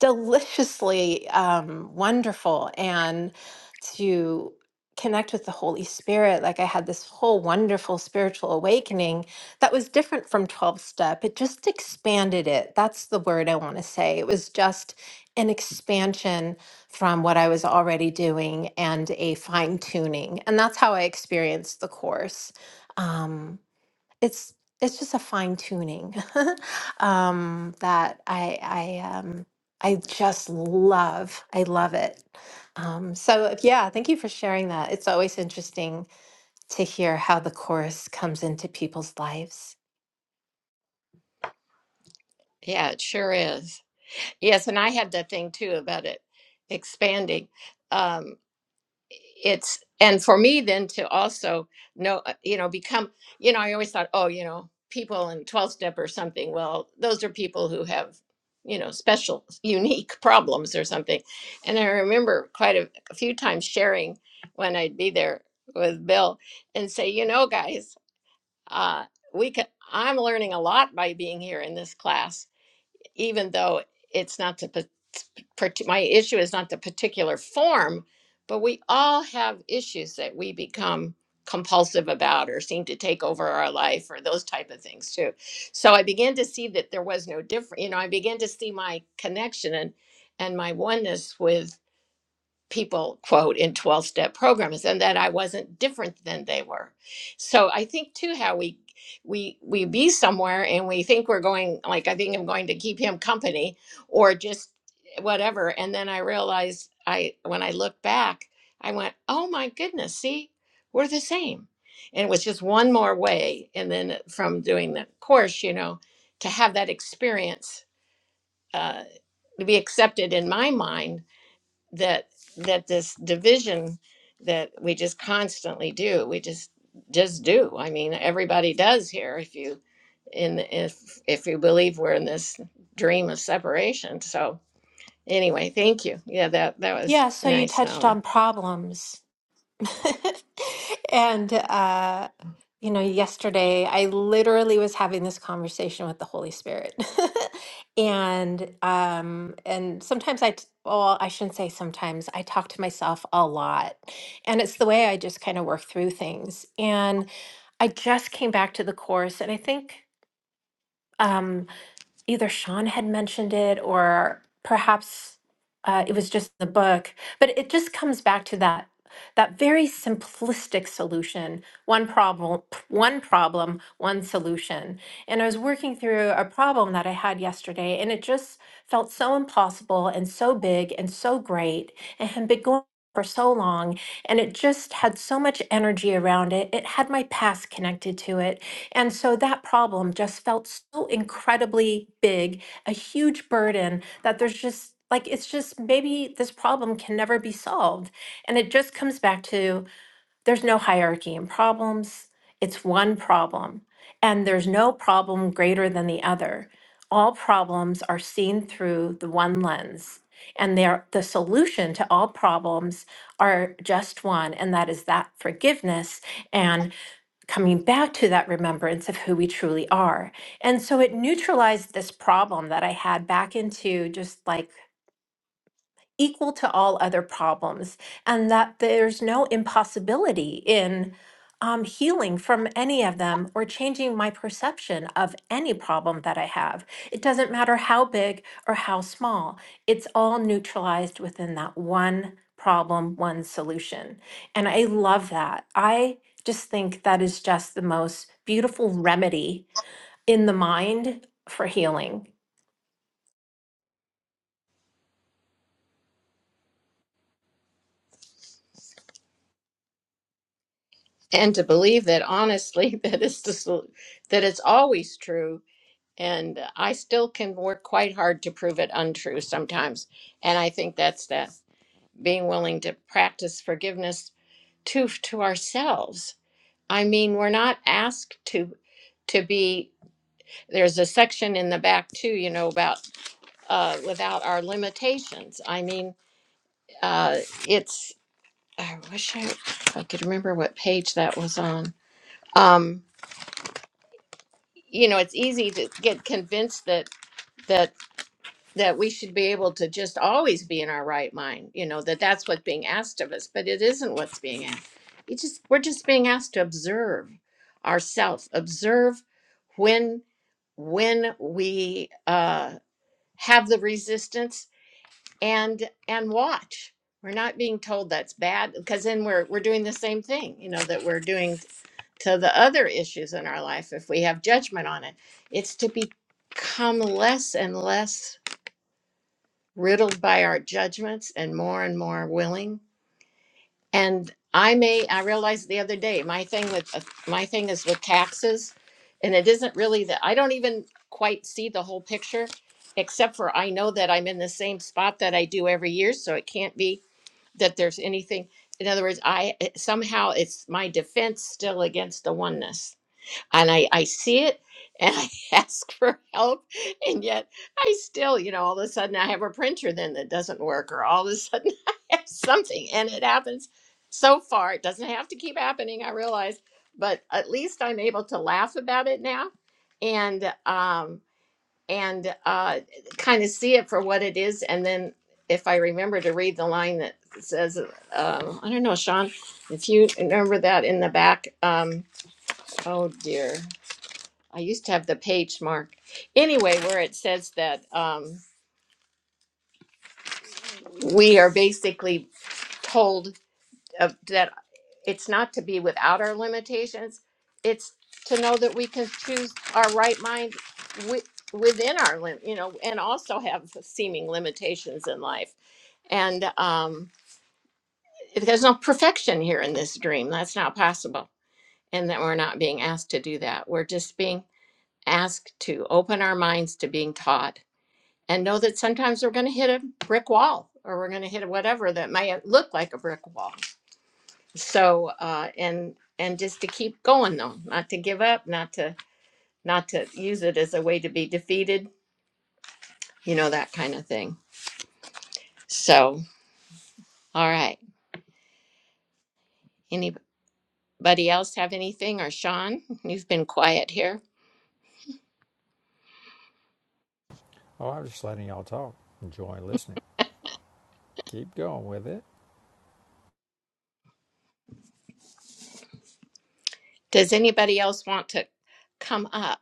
S4: deliciously um, wonderful and to connect with the Holy Spirit. Like I had this whole wonderful spiritual awakening that was different from 12 step. It just expanded it. That's the word I want to say. It was just an expansion from what I was already doing and a fine tuning. And that's how I experienced the course. Um, it's it's just a fine tuning um, that I I um, I just love. I love it. Um, so yeah, thank you for sharing that. It's always interesting to hear how the chorus comes into people's lives.
S1: it sure is. Yes, and I had that thing too about it expanding. Um, it's and for me then to also know, uh, you know, become, you know, I always thought, oh, you know, people in 12 step or something. Well, those are people who have, you know, special, unique problems or something. And I remember quite a, a few times sharing when I'd be there with Bill and say, you know, guys, uh, we could, I'm learning a lot by being here in this class even though it's not the pa- parti- my issue is not the particular form, but we all have issues that we become compulsive about or seem to take over our life or those type of things too. So I began to see that there was no different. You know, I began to see my connection and and my oneness with people quote in 12 step programs and that I wasn't different than they were. So I think too how we we we be somewhere and we think we're going like I think I'm going to keep him company or just whatever and then I realize I when I look back I went, "Oh my goodness, see? We're the same." And it was just one more way and then from doing the course, you know, to have that experience uh to be accepted in my mind that that this division that we just constantly do we just just do i mean everybody does here if you in if if you believe we're in this dream of separation so anyway thank you yeah that that was
S4: Yeah. So you
S1: nice
S4: touched
S1: nava
S4: on problems. And uh, you know, yesterday I literally was having this conversation with the Holy Spirit. And um, and sometimes I, t- well, I shouldn't say sometimes, I talk to myself a lot. And it's the way I just kind of work through things. And I just came back to the course, and I think. um, either Sean had mentioned it or perhaps uh, it was just the book, but it just comes back to that that very simplistic solution one problem one problem one solution and i was working through a problem that i had yesterday and it just felt so impossible and so big and so great and had been going for so long and it just had so much energy around it it had my past connected to it and so that problem just felt so incredibly big, a huge burden that there's just like, it's just maybe this problem can never be solved. And it just comes back to there's no hierarchy in problems, it's one problem. And there's no problem greater than the other. All problems are seen through the one lens. And they're, the solution to all problems are just one, and that is that forgiveness and coming back to that remembrance of who we truly are. And so it neutralized this problem that I had back into just like equal to all other problems, and that there's no impossibility in um, healing from any of them or changing my perception of any problem that I have. It doesn't matter how big or how small, it's all neutralized within that one problem, one solution. And I love that. I just think that is just the most beautiful remedy in the mind for healing.
S1: and to believe that honestly that it's the sol- that it's always true and i still can work quite hard to prove it untrue sometimes and i think that's that being willing to practice forgiveness to to ourselves. I mean, we're not asked to to be. There's a section in the back too, you know, about uh, without our limitations. I mean, uh, it's. I wish I, if I could remember what page that was on. Um, you know, it's easy to get convinced that that. that we should be able to just always be in our right mind you know that that's what's being asked of us but it isn't what's being asked you just we're just being asked to observe ourselves observe when when we uh have the resistance and and watch we're not being told that's bad because then we're we're doing the same thing you know that we're doing to the other issues in our life if we have judgment on it it's to become less and less riddled by our judgments and more and more willing. And I may, I realized the other day, my thing with, uh, my thing is with taxes. And it isn't really that, I don't even quite see the whole picture, except for I know that I'm in the same spot that I do every year. So it can't be that there's anything. In other words, I it- somehow it's my defense still against the oneness and I, I see it and I ask for help. And yet I still, you know, all of a sudden I have a printer then that doesn't work, or all of a sudden I have something. And it happens so far. It doesn't have to keep happening, I realize, but at least I'm able to laugh about it now and, um, and uh, kind of see it for what it is. And then if I remember to read the line that says, uh, I don't know, Sean, if you remember that in the back, um, oh dear. I used to have the page mark. Anyway, where it says that um, we are basically told of, that it's not to be without our limitations, it's to know that we can choose our right mind wi- within our lim- you know, and also have seeming limitations in life. And um, there's no perfection here in this dream. That's not possible. And that we're not being asked to do that. We're just being asked to open our minds to being taught and know that sometimes we're going to hit a brick wall or we're going to hit whatever that might look like a brick wall so uh, and and just to keep going though not to give up not to not to use it as a way to be defeated you know that kind of thing so all right anybody else have anything or sean you've been quiet here
S2: Oh, I am just letting y'all talk. Enjoy listening. Keep going with it.
S1: does anybody else want to come up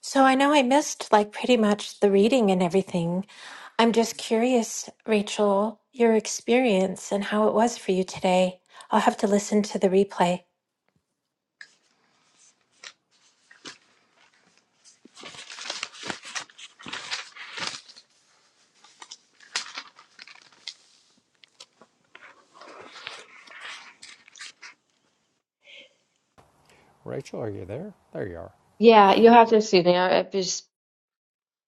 S4: So I know I missed like pretty much the reading and everything. I'm just curious, Rachel, your experience and how it was for you today. I'll have to listen to the replay.
S2: Rachel, are you there? There you are.
S3: Yeah, you'll have to excuse me. I, I've just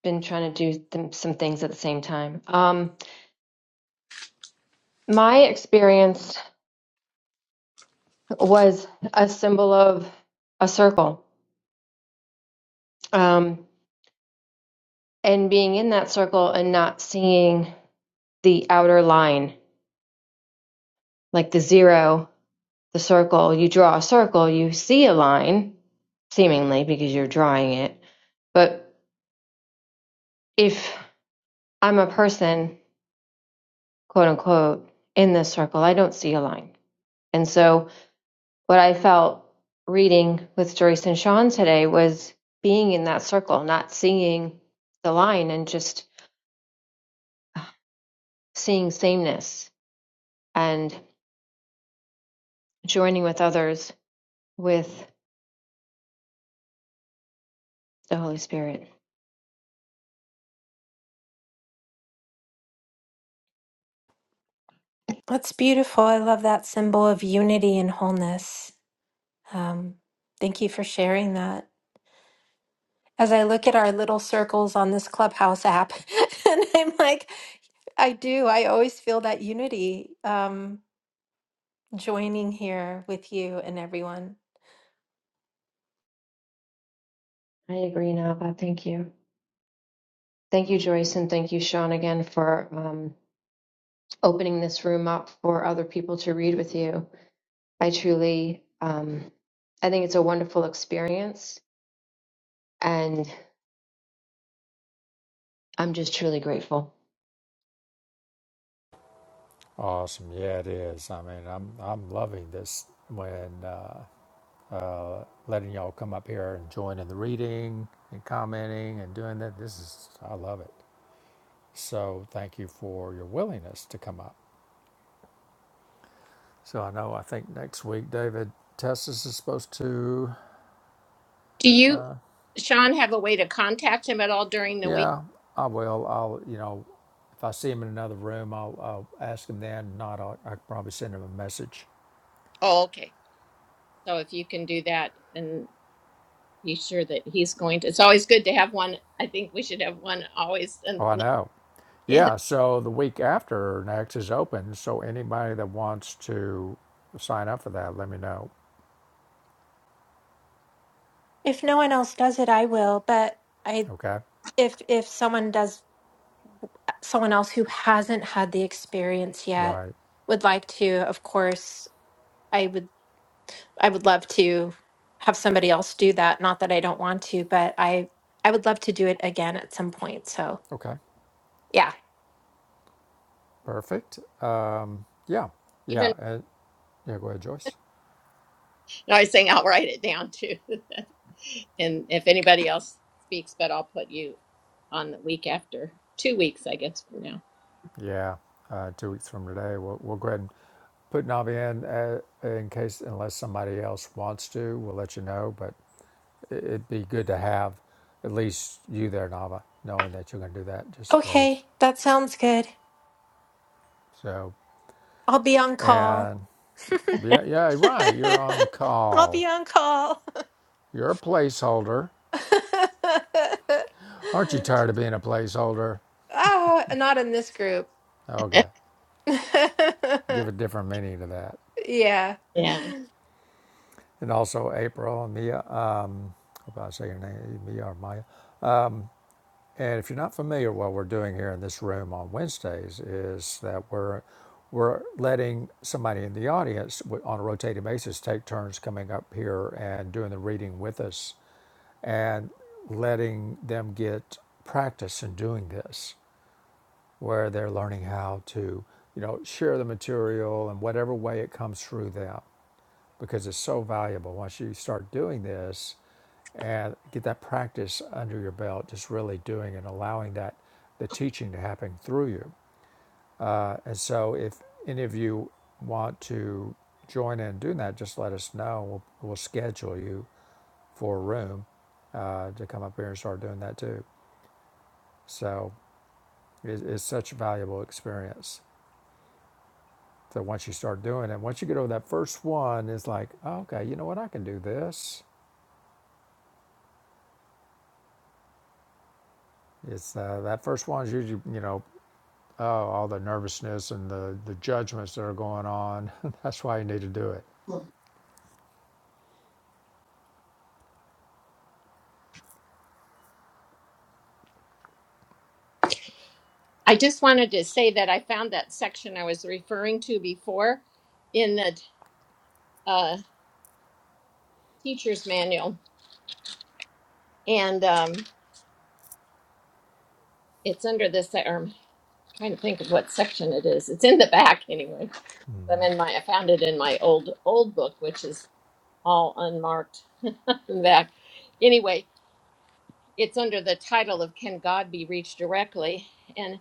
S3: been trying to do th- some things at the same time. Um, my experience was a symbol of a circle um, and being in that circle and not seeing the outer line, like the zero the circle, you draw a circle, you see a line, seemingly because you're drawing it. But if I'm a person, quote unquote, in this circle, I don't see a line. And so what I felt reading with Joyce and Sean today was being in that circle, not seeing the line and just seeing sameness and joining with others with the Holy Spirit.
S4: That's beautiful. I love that symbol of unity and wholeness. Um, thank you for sharing that. As I look at our little circles on this Clubhouse app, and I'm like, I do. I always feel that unity um, joining here with you and everyone.
S3: I agree, Nava. Thank you. Thank you, Joyce, and thank you, Sean, again for um, opening this room up for other people to read with you. I truly, um, I think it's a wonderful experience, and I'm just truly grateful.
S2: Awesome. Yeah, it is. I mean, I'm I'm loving this when uh, uh, letting y'all come up here and join in the reading and commenting and doing that. This is I love it. So thank you for your willingness to come up. So I know I think next week David Testis is supposed to.
S1: do
S2: uh,
S1: you sean have a way to contact him at all during the week
S2: Yeah, I will. I'll, you know, if I see him in another room, I'll, I'll ask him then. Not, I'll, I could probably send him a message.
S1: oh okay so if you can do that, then be sure that he's going to. It's always good to have one. I think we should have one always, and,
S2: Oh, I know.
S1: and
S2: Yeah, so the week after next is open. So anybody that wants to sign up for that, let me know.
S4: If no one else does it, I will. But I
S2: Okay.
S4: if if someone does someone else who hasn't had the experience yet
S2: Right.
S4: would like to of course i would i would love to have somebody else do that not that i don't want to but i i would love to do it again at some point so
S2: Okay.
S4: yeah
S2: Perfect. Um, yeah. Yeah.
S1: even
S2: Uh, yeah. Go ahead, Joyce.
S1: and I was saying I'll write it down too. and if anybody else speaks, but I'll put you on the week after, two weeks, I guess from now.
S2: Yeah. Uh, two weeks from today, we'll, we'll go ahead and put Navi in uh, in case, unless somebody else wants to, we'll let you know. But. it- would be good to have at least you there, Nava, knowing that you're going to do that just in case.
S4: okay that sounds good
S2: So,
S4: i'll be on call
S2: and yeah, yeah, right. You're on
S4: i'll
S2: call.
S4: be on call
S2: You're a placeholder. Aren't you tired of being a placeholder?
S4: oh not in this group
S2: Okay, give a different meaning to that.
S4: yeah
S1: yeah.
S2: And also, April and Mia. Uh, I hope I say your name, Mia or Maya. And if you're not familiar, what we're doing here in this room on Wednesdays is that we're we're letting somebody in the audience on a rotating basis take turns coming up here and doing the reading with us, and letting them get practice in doing this, where they're learning how to you know share the material in whatever way it comes through them because it's so valuable. Once you start doing this and get that practice under your belt, just really doing and allowing that the teaching to happen through you. Uh, and so, if any of you want to join in doing that, just let us know. We'll, we'll schedule you for a room uh, to come up here and start doing that too. So, it, it's such a valuable experience. So, once you start doing it, once you get over that first one, it's like, oh, okay, you know what? I can do this. It's uh, that first one is usually, you know, oh, all the nervousness and the, the judgments that are going on. That's why you need to do it.
S1: I just wanted to say that I found that section I was referring to before in the uh, teacher's manual, and um, it's under this. I'm trying to think of what section it is. It's in the back anyway I'm in
S2: Mm-hmm.
S1: my I found it in my old old book, which is all unmarked in the back. Anyway, it's under the title of Can God Be Reached Directly? And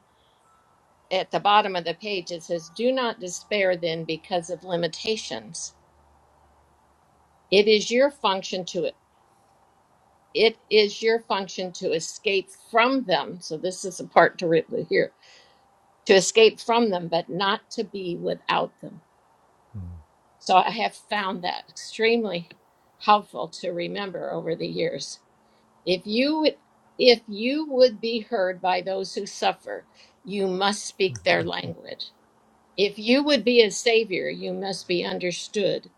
S1: at the bottom of the page it says, Do not despair then because of limitations. It is your function to it is your function to escape from them. So this is the part to re- here to escape from them, but not to be without them. So I have found that extremely helpful to remember over the years If you if you would be heard by those who suffer, you must speak their language. If you would be a savior, you must be understood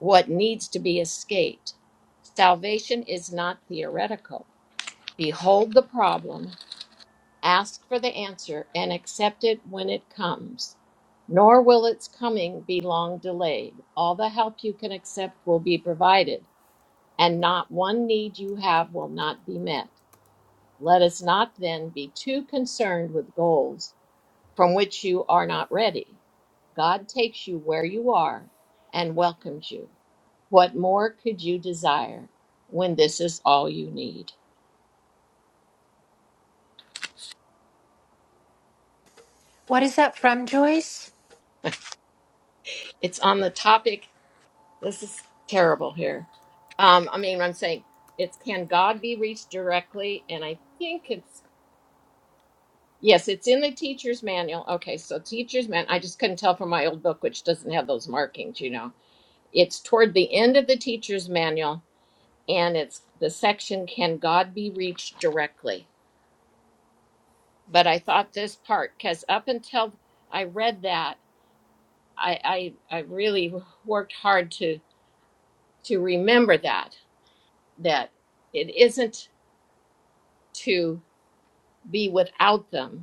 S1: what needs to be escaped. Salvation is not theoretical. Behold the problem, ask for the answer, and accept it when it comes. Nor will its coming be long delayed. All the help you can accept will be provided, and not one need you have will not be met. Let us not then be too concerned with goals from which you are not ready. God takes you where you are and welcomes you. What more could you desire when this is all you need?
S4: What is that from, Joyce?
S1: It's on the topic. This is terrible here. Um, I mean, I'm saying it's can God be reached directly? And I think it's, yes, it's in the teacher's manual. Okay, so teacher's man, I just couldn't tell from my old book, which doesn't have those markings, you know It's toward the end of the teacher's manual, and it's the section Can God Be Reached Directly? But I thought this part, because up until I read that, I, I, I really worked hard to, to remember that, that it isn't to be without them,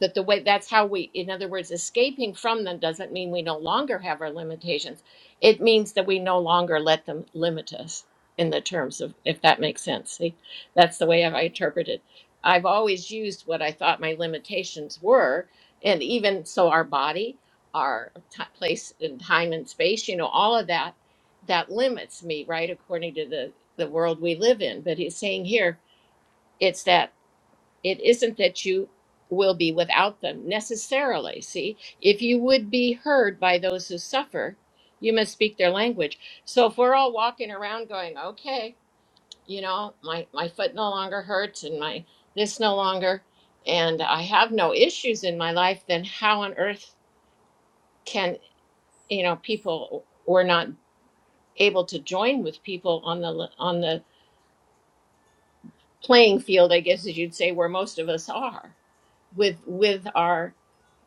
S1: that the way that's how we in other words escaping from them doesn't mean we no longer have our limitations it means that we no longer let them limit us in the terms of if that makes sense see that's the way i interpret it i've always used what i thought my limitations were and even so our body our ti place and time and space you know all of that that limits me right according to the the world we live in but he's saying here it's that it isn't that you will be without them necessarily. See, if you would be heard by those who suffer, you must speak their language. So if we're all walking around going, okay, you know, my, my foot no longer hurts and my this no longer, and I have no issues in my life, then how on earth can, you know, people were not able to join with people on the on the playing field, I guess as you'd say, where most of us are with with our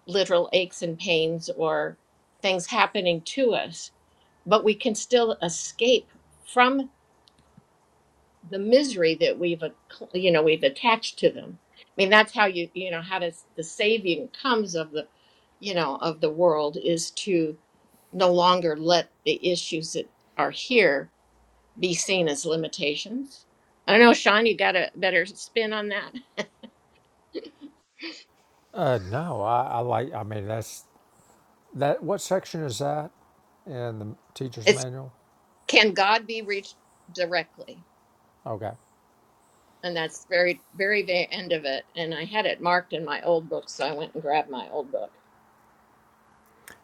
S1: literal aches and pains or things happening to us, but we can still escape from the misery that we've, acc- you know, we've attached to them. I mean, that's how you, you know, how does the saving comes of the, you know, of the world is to no longer let the issues that are here be seen as limitations. I don't know, Sean, you got a better spin on that.
S2: Uh, no, I, I like. I mean, that's that. What section is that in the teacher's
S1: It's
S2: manual?
S1: can God be reached directly?
S2: Okay.
S1: and that's very very very end of it and i had it marked in my old book so i went and grabbed my old book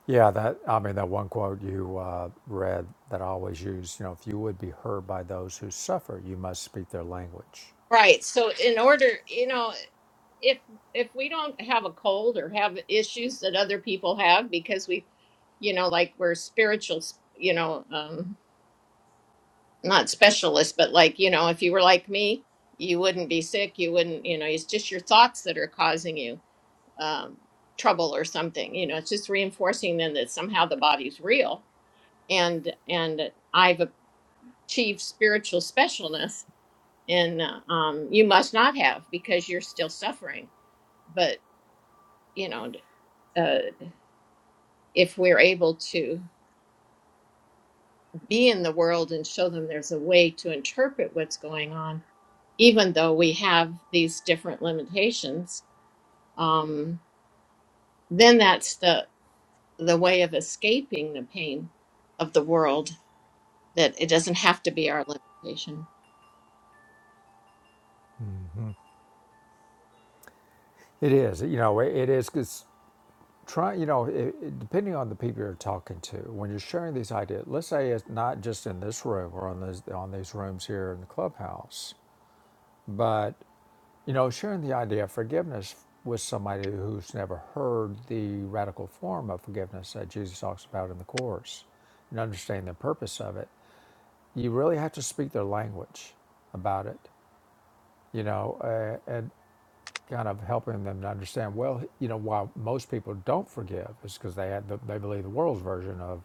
S2: Yeah, that. I mean, that one quote you uh, read that I always use. You know, if you would be heard by those who suffer, you must speak their language.
S1: right so in order you know if if we don't have a cold or have issues that other people have because we you know like we're spiritual you know um not specialists but like you know if you were like me you wouldn't be sick you wouldn't you know it's just your thoughts that are causing you um trouble or something you know it's just reinforcing then that somehow the body's real and and I've achieve spiritual specialness and uh, um, you must not have because you're still suffering but you know uh, if we're able to be in the world and show them there's a way to interpret what's going on even though we have these different limitations um, then that's the the way of escaping the pain of the world that it doesn't have to be our limitation
S2: It is. You know, it, it is. 'cause try you know it, it- depending on the people you're talking to when you're sharing these ideas let's say it's not just in this room or on these on these rooms here in the clubhouse but you know sharing the idea of forgiveness with somebody who's never heard the radical form of forgiveness that jesus talks about in the course and understanding the purpose of it you really have to speak their language about it you know kind of helping them to understand. Well, you know, why most people don't forgive is because they had the, they believe the world's version of,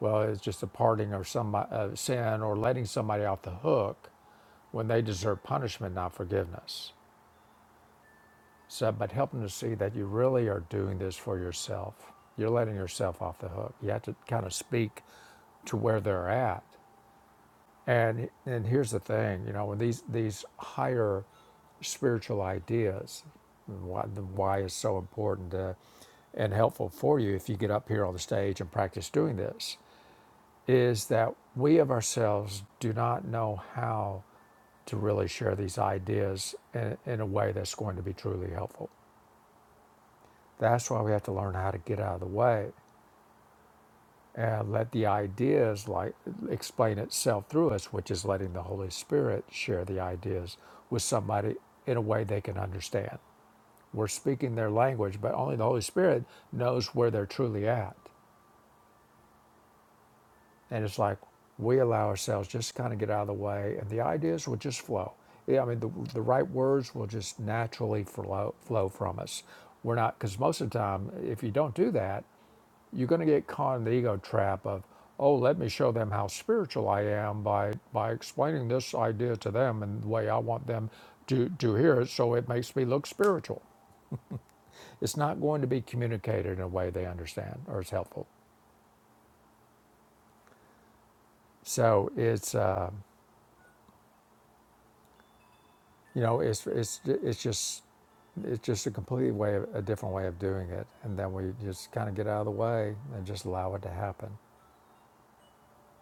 S2: well, it's just a parting or some uh, sin or letting somebody off the hook when they deserve punishment, not forgiveness. So, but help them to see that you really are doing this for yourself. You're letting yourself off the hook. You have to kind of speak to where they're at and and here's the thing, you know, when these these higher spiritual ideas, why the why is so important uh, and helpful for you if you get up here on the stage and practice doing this, is that we of ourselves do not know how to really share these ideas in, in a way that's going to be truly helpful. That's why we have to learn how to get out of the way and let the ideas like explain itself through us which is letting the holy spirit share the ideas with somebody in a way they can understand we're speaking their language but only the holy spirit knows where they're truly at and it's like we allow ourselves just kind of get out of the way and the ideas will just flow yeah, i mean the, the right words will just naturally flow, flow from us we're not because most of the time if you don't do that you're going to get caught in the ego trap of oh let me show them how spiritual i am by by explaining this idea to them and the way i want them to to hear it so it makes me look spiritual it's not going to be communicated in a way they understand or is helpful so it's uh, you know it's it's it's just it's just a completely way of, a different way of doing it and then we just kind of get out of the way and just allow it to happen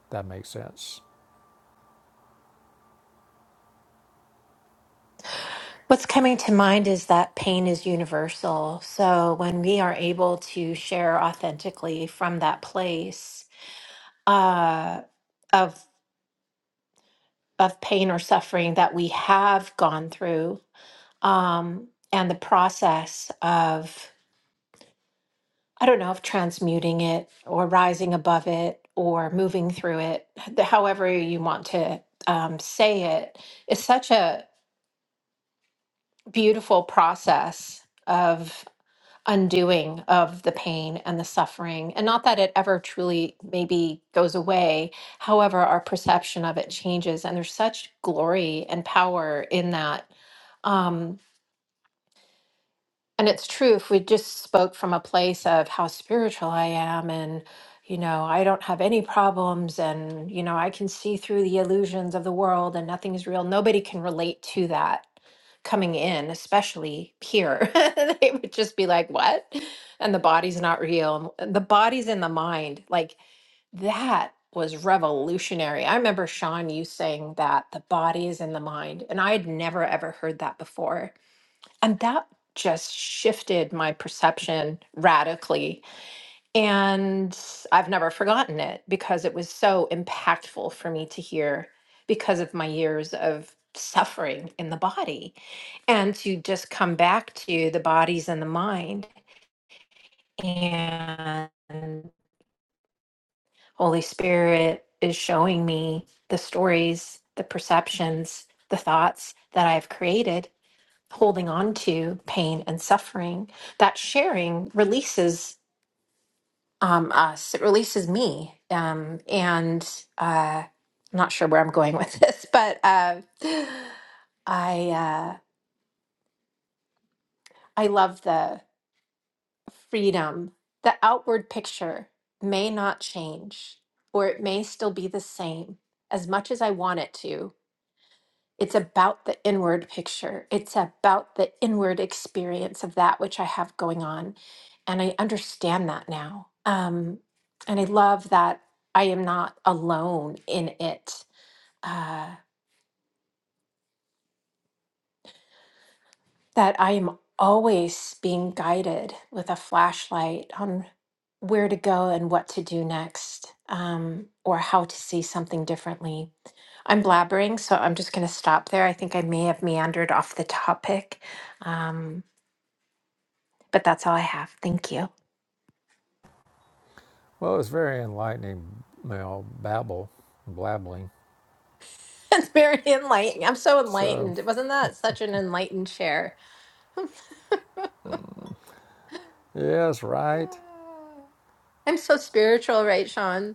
S2: that makes sense
S4: What's coming to mind is that pain is universal. So when we are able to share authentically from that place uh, of of pain or suffering that we have gone through, um, and the process of I don't know of transmuting it or rising above it or moving through it, the- however you want to um, say it, is such a beautiful process of. undoing of the pain and the suffering. And not that it ever truly maybe goes away. However, our perception of it changes. And there's such glory and power in that. Um, and it's true if we just spoke from a place of how spiritual I am and, you know, I don't have any problems and, you know, I can see through the illusions of the world and nothing's real. Nobody can relate to that coming in, especially here. they would just be like, what? And the body's not real. and The body's in the mind. Like that was revolutionary. I remember Sean, you saying that the body is in the mind. And I had never, ever heard that before and that just shifted my perception radically. And I've never forgotten it because it was so impactful for me to hear because of my years of suffering in the body and to just come back to the bodies and the mind. And Holy Spirit is showing me the stories, the perceptions, the thoughts that I've created holding on to pain and suffering, that sharing releases um, us. It releases me. Um, and uh, I'm not sure where I'm going with this, but uh, I uh, I love the freedom. The outward picture may not change, or it may still be the same as much as I want it to It's about the inward picture. It's about the inward experience of that which I have going on. And I understand that now. Um, and I love that I am not alone in it, uh, that I am always being guided with a flashlight on where to go and what to do next um, or how to see something differently. I'm blabbering, so I'm just going to stop there. I think I may have meandered off the topic. Um, But that's all I have. Thank you.
S2: well it's very enlightening you know babble blabbling
S4: That's very enlightening. I'm so
S2: So,
S4: enlightened. Wasn't that such an enlightened share?
S2: mm, yes, right.
S4: I'm so spiritual, right, Sean?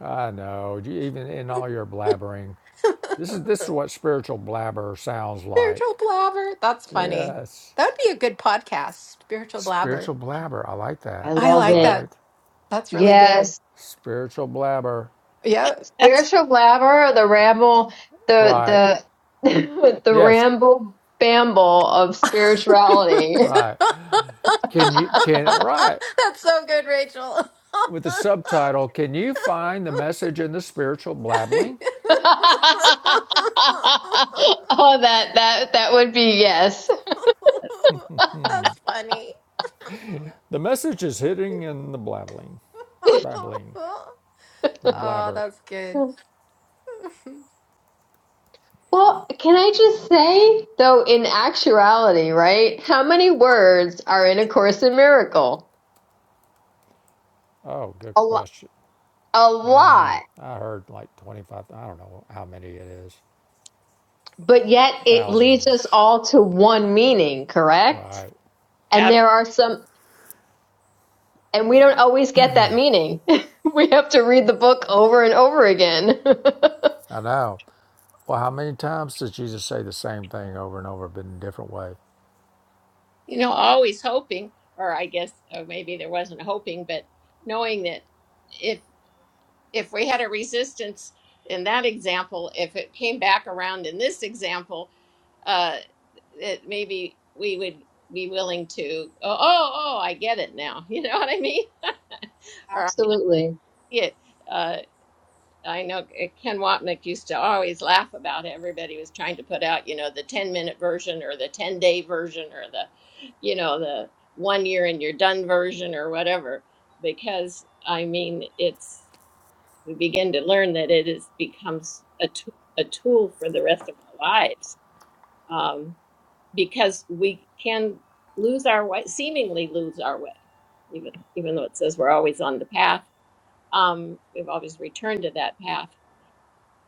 S2: I know. You- Even in all your blabbering,
S4: spiritual
S2: this is this is what spiritual blabber sounds like.
S4: blabber. That's funny.
S2: Yes,
S4: That would be a good podcast, spiritual blabber.
S2: spiritual blabber. I like
S3: I
S2: that.
S4: I
S3: love
S4: like
S3: it.
S4: that.
S2: Right,
S4: That's really good.
S3: Yes,
S2: spiritual blabber.
S4: Yeah.
S1: that's
S3: spiritual blabber, the ramble,
S2: Right.
S3: the the the
S2: Yes.
S3: ramble bamble of spirituality.
S2: Right. Can you can right
S4: That's so good, Rachel.
S2: with the subtitle? Can you find the message in the spiritual blabbling?
S3: oh, that that that would be yes.
S4: that's funny.
S2: The message is hidden in the blabbling, babbling, the
S4: oh,
S2: blabber.
S4: that's good.
S3: Well, can I just say, though, in actuality, right? How many words are in A Course in Miracles*?
S2: Oh, good
S3: A lot.
S2: question.
S3: A
S2: Uh,
S3: lot.
S2: I heard like 25, I don't know how many it is,
S3: But yet it leads us
S2: thousands,
S3: all to one meaning, correct?
S2: right?
S1: uh,
S3: And there are some, and we don't always get that meaning. We have to read the book over and over again.
S2: I know. Well, how many times did Jesus say the same thing over and over, but in a different way?
S1: you know, always hoping, or I guess, or maybe there wasn't hoping, but knowing that if if we had a resistance in that example, if it came back around in this example, uh, that maybe we would be willing to, oh, oh, oh, I get it now. You know what I mean? Or I
S3: Absolutely.
S1: see it. uh, I know uh, Ken Wapnick used to always laugh about it. everybody was trying to put out, you know, the 10 minute version or the 10 day version or the, you know, the one year and you're done version or whatever. Because I mean, it's, we begin to learn that it is becomes a, t- a tool for the rest of our lives um, because we can lose our way, seemingly lose our way, even, even though it says we're always on the path. Um, we've always returned to that path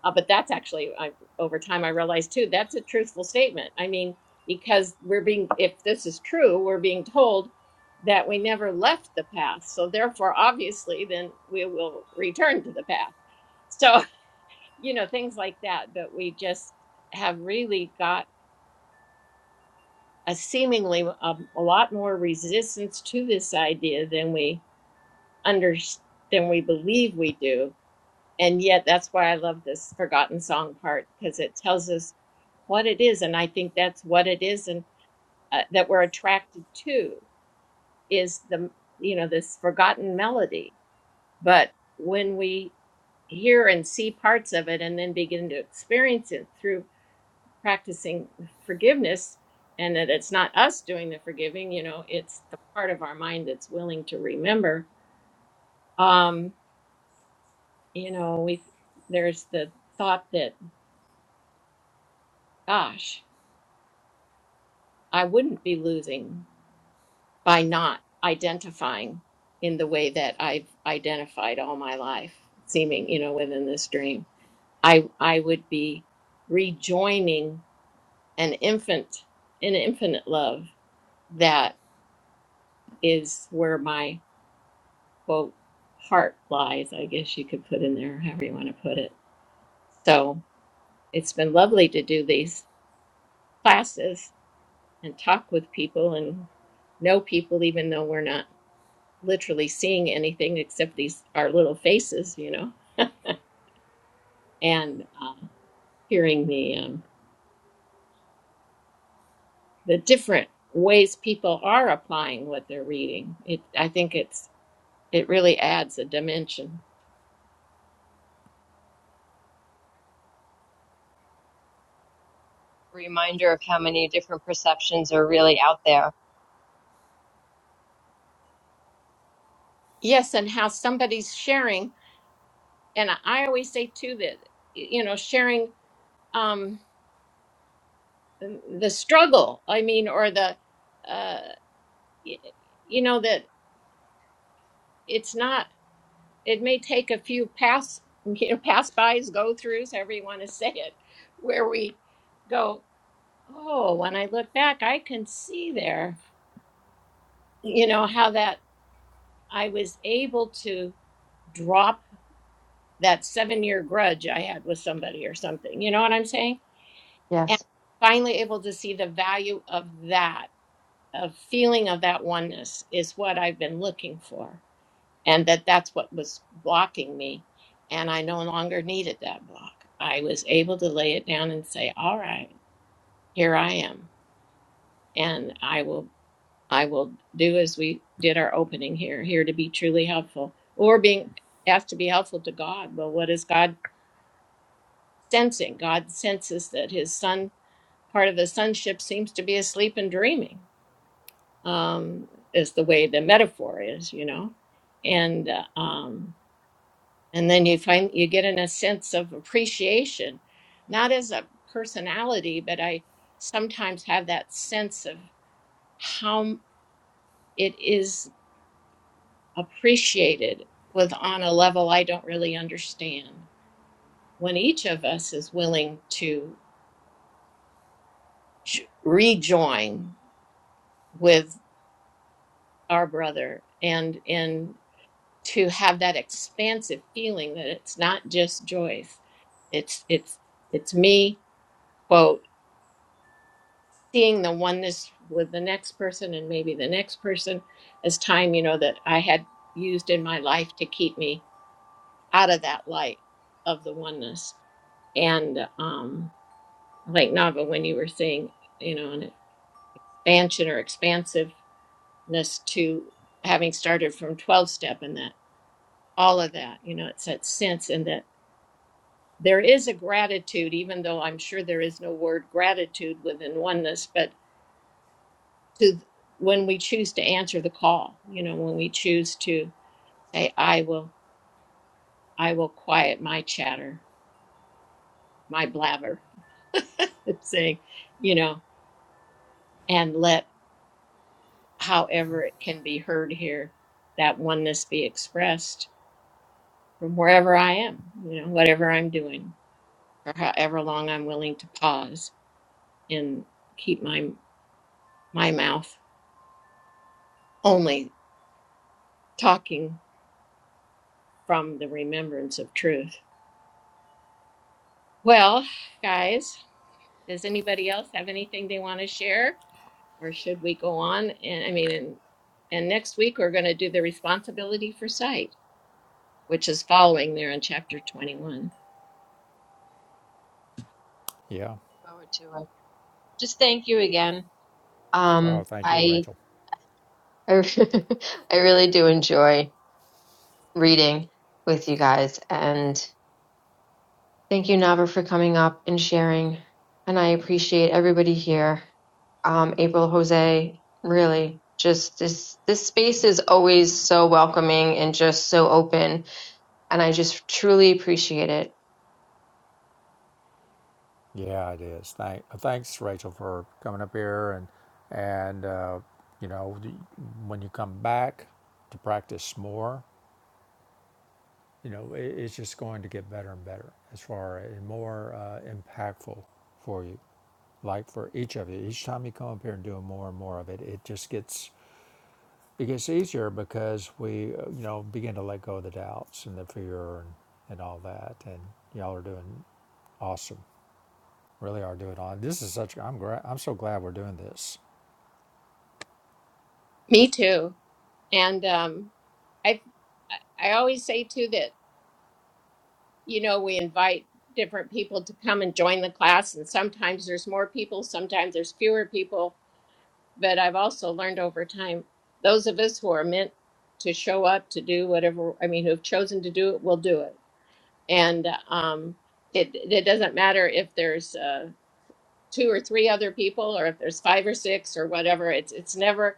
S1: uh, but that's actually, I, over time, I realized too, that's a truthful statement. I mean, because we're being, if this is true, we're being told that we never left the path. So therefore, obviously, then we will return to the path. So, you know, things like that. But we just have really got a seemingly a, a lot more resistance to this idea than we under than we believe we do and yet that's why I love this forgotten song part because it tells us what it is, and I think that's what it is, and uh, that we're attracted to is the you know this forgotten melody. But when we hear and see parts of it, and then begin to experience it through practicing forgiveness, and that it's not us doing the forgiving, you know, it's the part of our mind that's willing to remember. Um, you know, we there's the thought that gosh I wouldn't be losing by not identifying in the way that I've identified all my life, seeming, you know, within this dream. I I would be rejoining an infant, an infinite love that is where my quote heart lies, I guess you could put in there, however you want to put it. So it's been lovely to do these classes and talk with people and know people even though we're not literally seeing anything except these our little faces, you know, and uh, hearing the um, the different ways people are applying what they're reading. It I think it's it really adds a dimension.
S3: Reminder of how many different perceptions are really out there.
S1: Yes, and how somebody's sharing, and I always say too that you know sharing um, the struggle. I mean, or the uh, y- you know that it's not. it may take a few pass you know, pass bys, go throughs, however you want to say it, where we go, oh, when I look back, I can see there, you know, how that I was able to drop that seven year grudge I had with somebody or something. You know what I'm saying? And
S3: Yes.
S1: finally able to see the value of that, of feeling of that oneness is what I've been looking for. and that that's what was blocking me and i no longer needed that block i was able to lay it down and say all right here i am and i will i will do as we did our opening here here to be truly helpful or being asked to be helpful to god well what is god sensing god senses that his son part of his sonship seems to be asleep and dreaming um is the way the metaphor is you know and uh, um and then you find you get in a sense of appreciation not as a personality but i sometimes have that sense of how it is appreciated with on a level i don't really understand when each of us is willing to j- rejoin with our brother and and to have that expansive feeling that it's not just joyce it's it's it's me quote seeing the oneness with the next person and maybe the next person as time, you know, that I had used in my life to keep me out of that light of the oneness. And um, like Nava, when you were saying, you know, an expansion or expansiveness to having started from 12 step and that all of that, you know, it's that sense and that there is a gratitude, even though I'm sure there is no word gratitude within oneness, but to when we choose to answer the call you know when we choose to say i will i will quiet my chatter my blabber it's saying you know and let however it can be heard here that oneness be expressed from wherever i am you know whatever i'm doing for however long i'm willing to pause and keep my my mouth only talking from the remembrance of truth well guys Does anybody else have anything they want to share? Or should we go on? And I mean, and, and next week we're going to do the responsibility for sight, which is following there in chapter 21.
S2: Yeah.
S3: Forward to it. Just thank you again.
S2: Oh,
S3: Um,
S2: thank you,
S3: I.
S2: Rachel.
S3: I re- I really do enjoy reading with you guys, and thank you, Nava, for coming up and sharing. And I appreciate everybody here. Um, April, Jose, really, just this this space is always so welcoming and just so open and I just truly appreciate it.
S2: Yeah, it is. Thank, thanks, Rachel, for coming up here and and uh, you know when you come back to practice more, you know it, it's just going to get better and better as far and more uh, impactful for you like for each of you each time you come up here and do more and more of it it just gets it gets easier because we uh, you know begin to let go of the doubts and the fear and, and all that and y'all are doing awesome really are doing on this is such i'm gra- i'm so glad we're doing this
S1: Me too. And um, I I always say too that you know, we invite different people to come and join the class. And sometimes there's more people, sometimes there's fewer people. But I've also learned over time, those of us who are meant to show up to do whatever, I mean, who've chosen to do it, will do it. And um, it, it doesn't matter if there's uh, two or three other people or if there's five or six or whatever. It's, it's never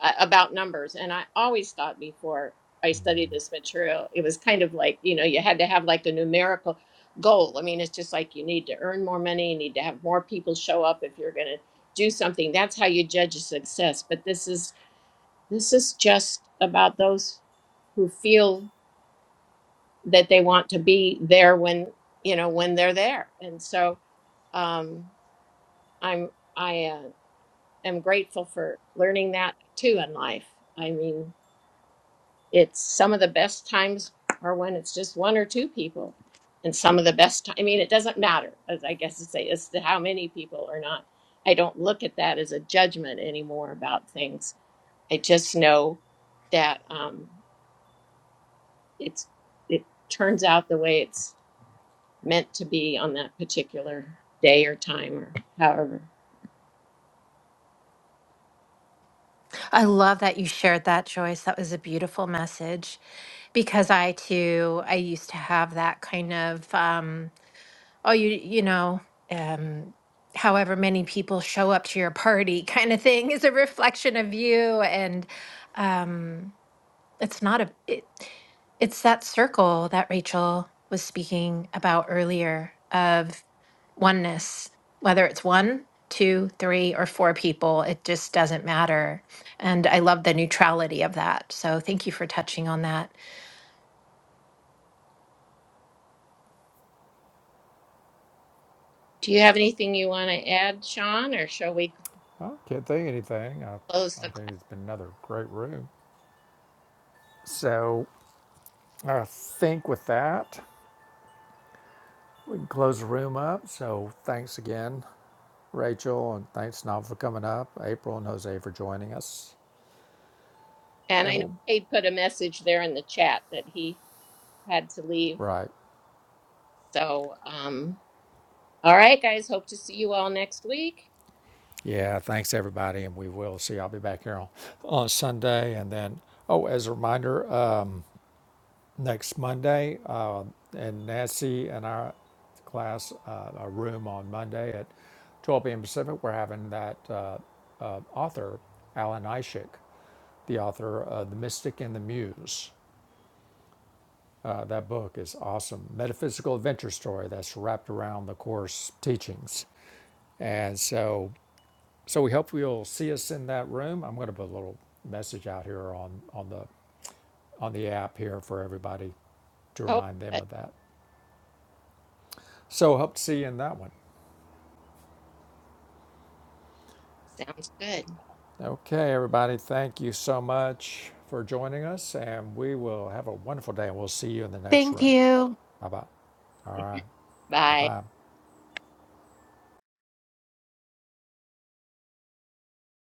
S1: uh, about numbers. And I always thought before I studied this material, it was kind of like, you know, you had to have like a numerical goal. I mean, it's just like you need to earn more money, you need to have more people show up if you're going to do something. That's how you judge a success. But this is this is just about those who feel that they want to be there when, you know, when they're there. And so um I'm I uh, am grateful for learning that too in life. I mean, it's some of the best times are when it's just one or two people and some of the best ti- i mean it doesn't matter as i guess to say as to how many people or not i don't look at that as a judgment anymore about things i just know that um it's it turns out the way it's meant to be on that particular day or time or however
S4: I love that you shared that, Joyce. That was a beautiful message because I too, I used to have that kind of, um, oh, you, you know, um, however many people show up to your party kind of thing is a reflection of you. And, um, it's not a it, it's that circle that Rachel was speaking about earlier of oneness, whether it's one, two, three, or four people, it just doesn't matter. And I love the neutrality of that. So thank you for touching on that.
S1: do you have anything you want to add sean or shall we
S2: I can't think anything. I,
S1: close
S2: I
S1: the class
S2: think it's been another great room. So I think with that, we can close the room up. So thanks again, Rachel, and thanks Nob for coming up, April and Jose for joining us.
S1: and
S2: And
S1: i know
S2: we'll,
S1: kate put a message there in the chat that he had to leave
S2: right.
S1: So, um, all right, guys. Hope to see you all next week.
S2: Yeah, thanks everybody, and we will see. I'll be back here on, on Sunday, and then oh, as a reminder, uh, next Monday, uh, and Nancy and our class, uh, our room on Monday at 12 p.m. Pacific, we're having that uh, uh, author Alan Ishik, the author of *The Mystic and the Muse*. Uh, that book is awesome. Metaphysical adventure story that's wrapped around the course teachings. And so So we hope you'll see us in that room. I'm going to put a little message out here on, on the on the app here for everybody to
S1: Oh,
S2: remind them
S1: good.
S2: of that. So hope to see you in that one.
S1: sounds good.
S2: Okay, everybody, thank you so much for joining us, and we will have a wonderful day, and we'll see you in the next room. Bye bye. All right. Bye
S1: Bye.
S2: bye.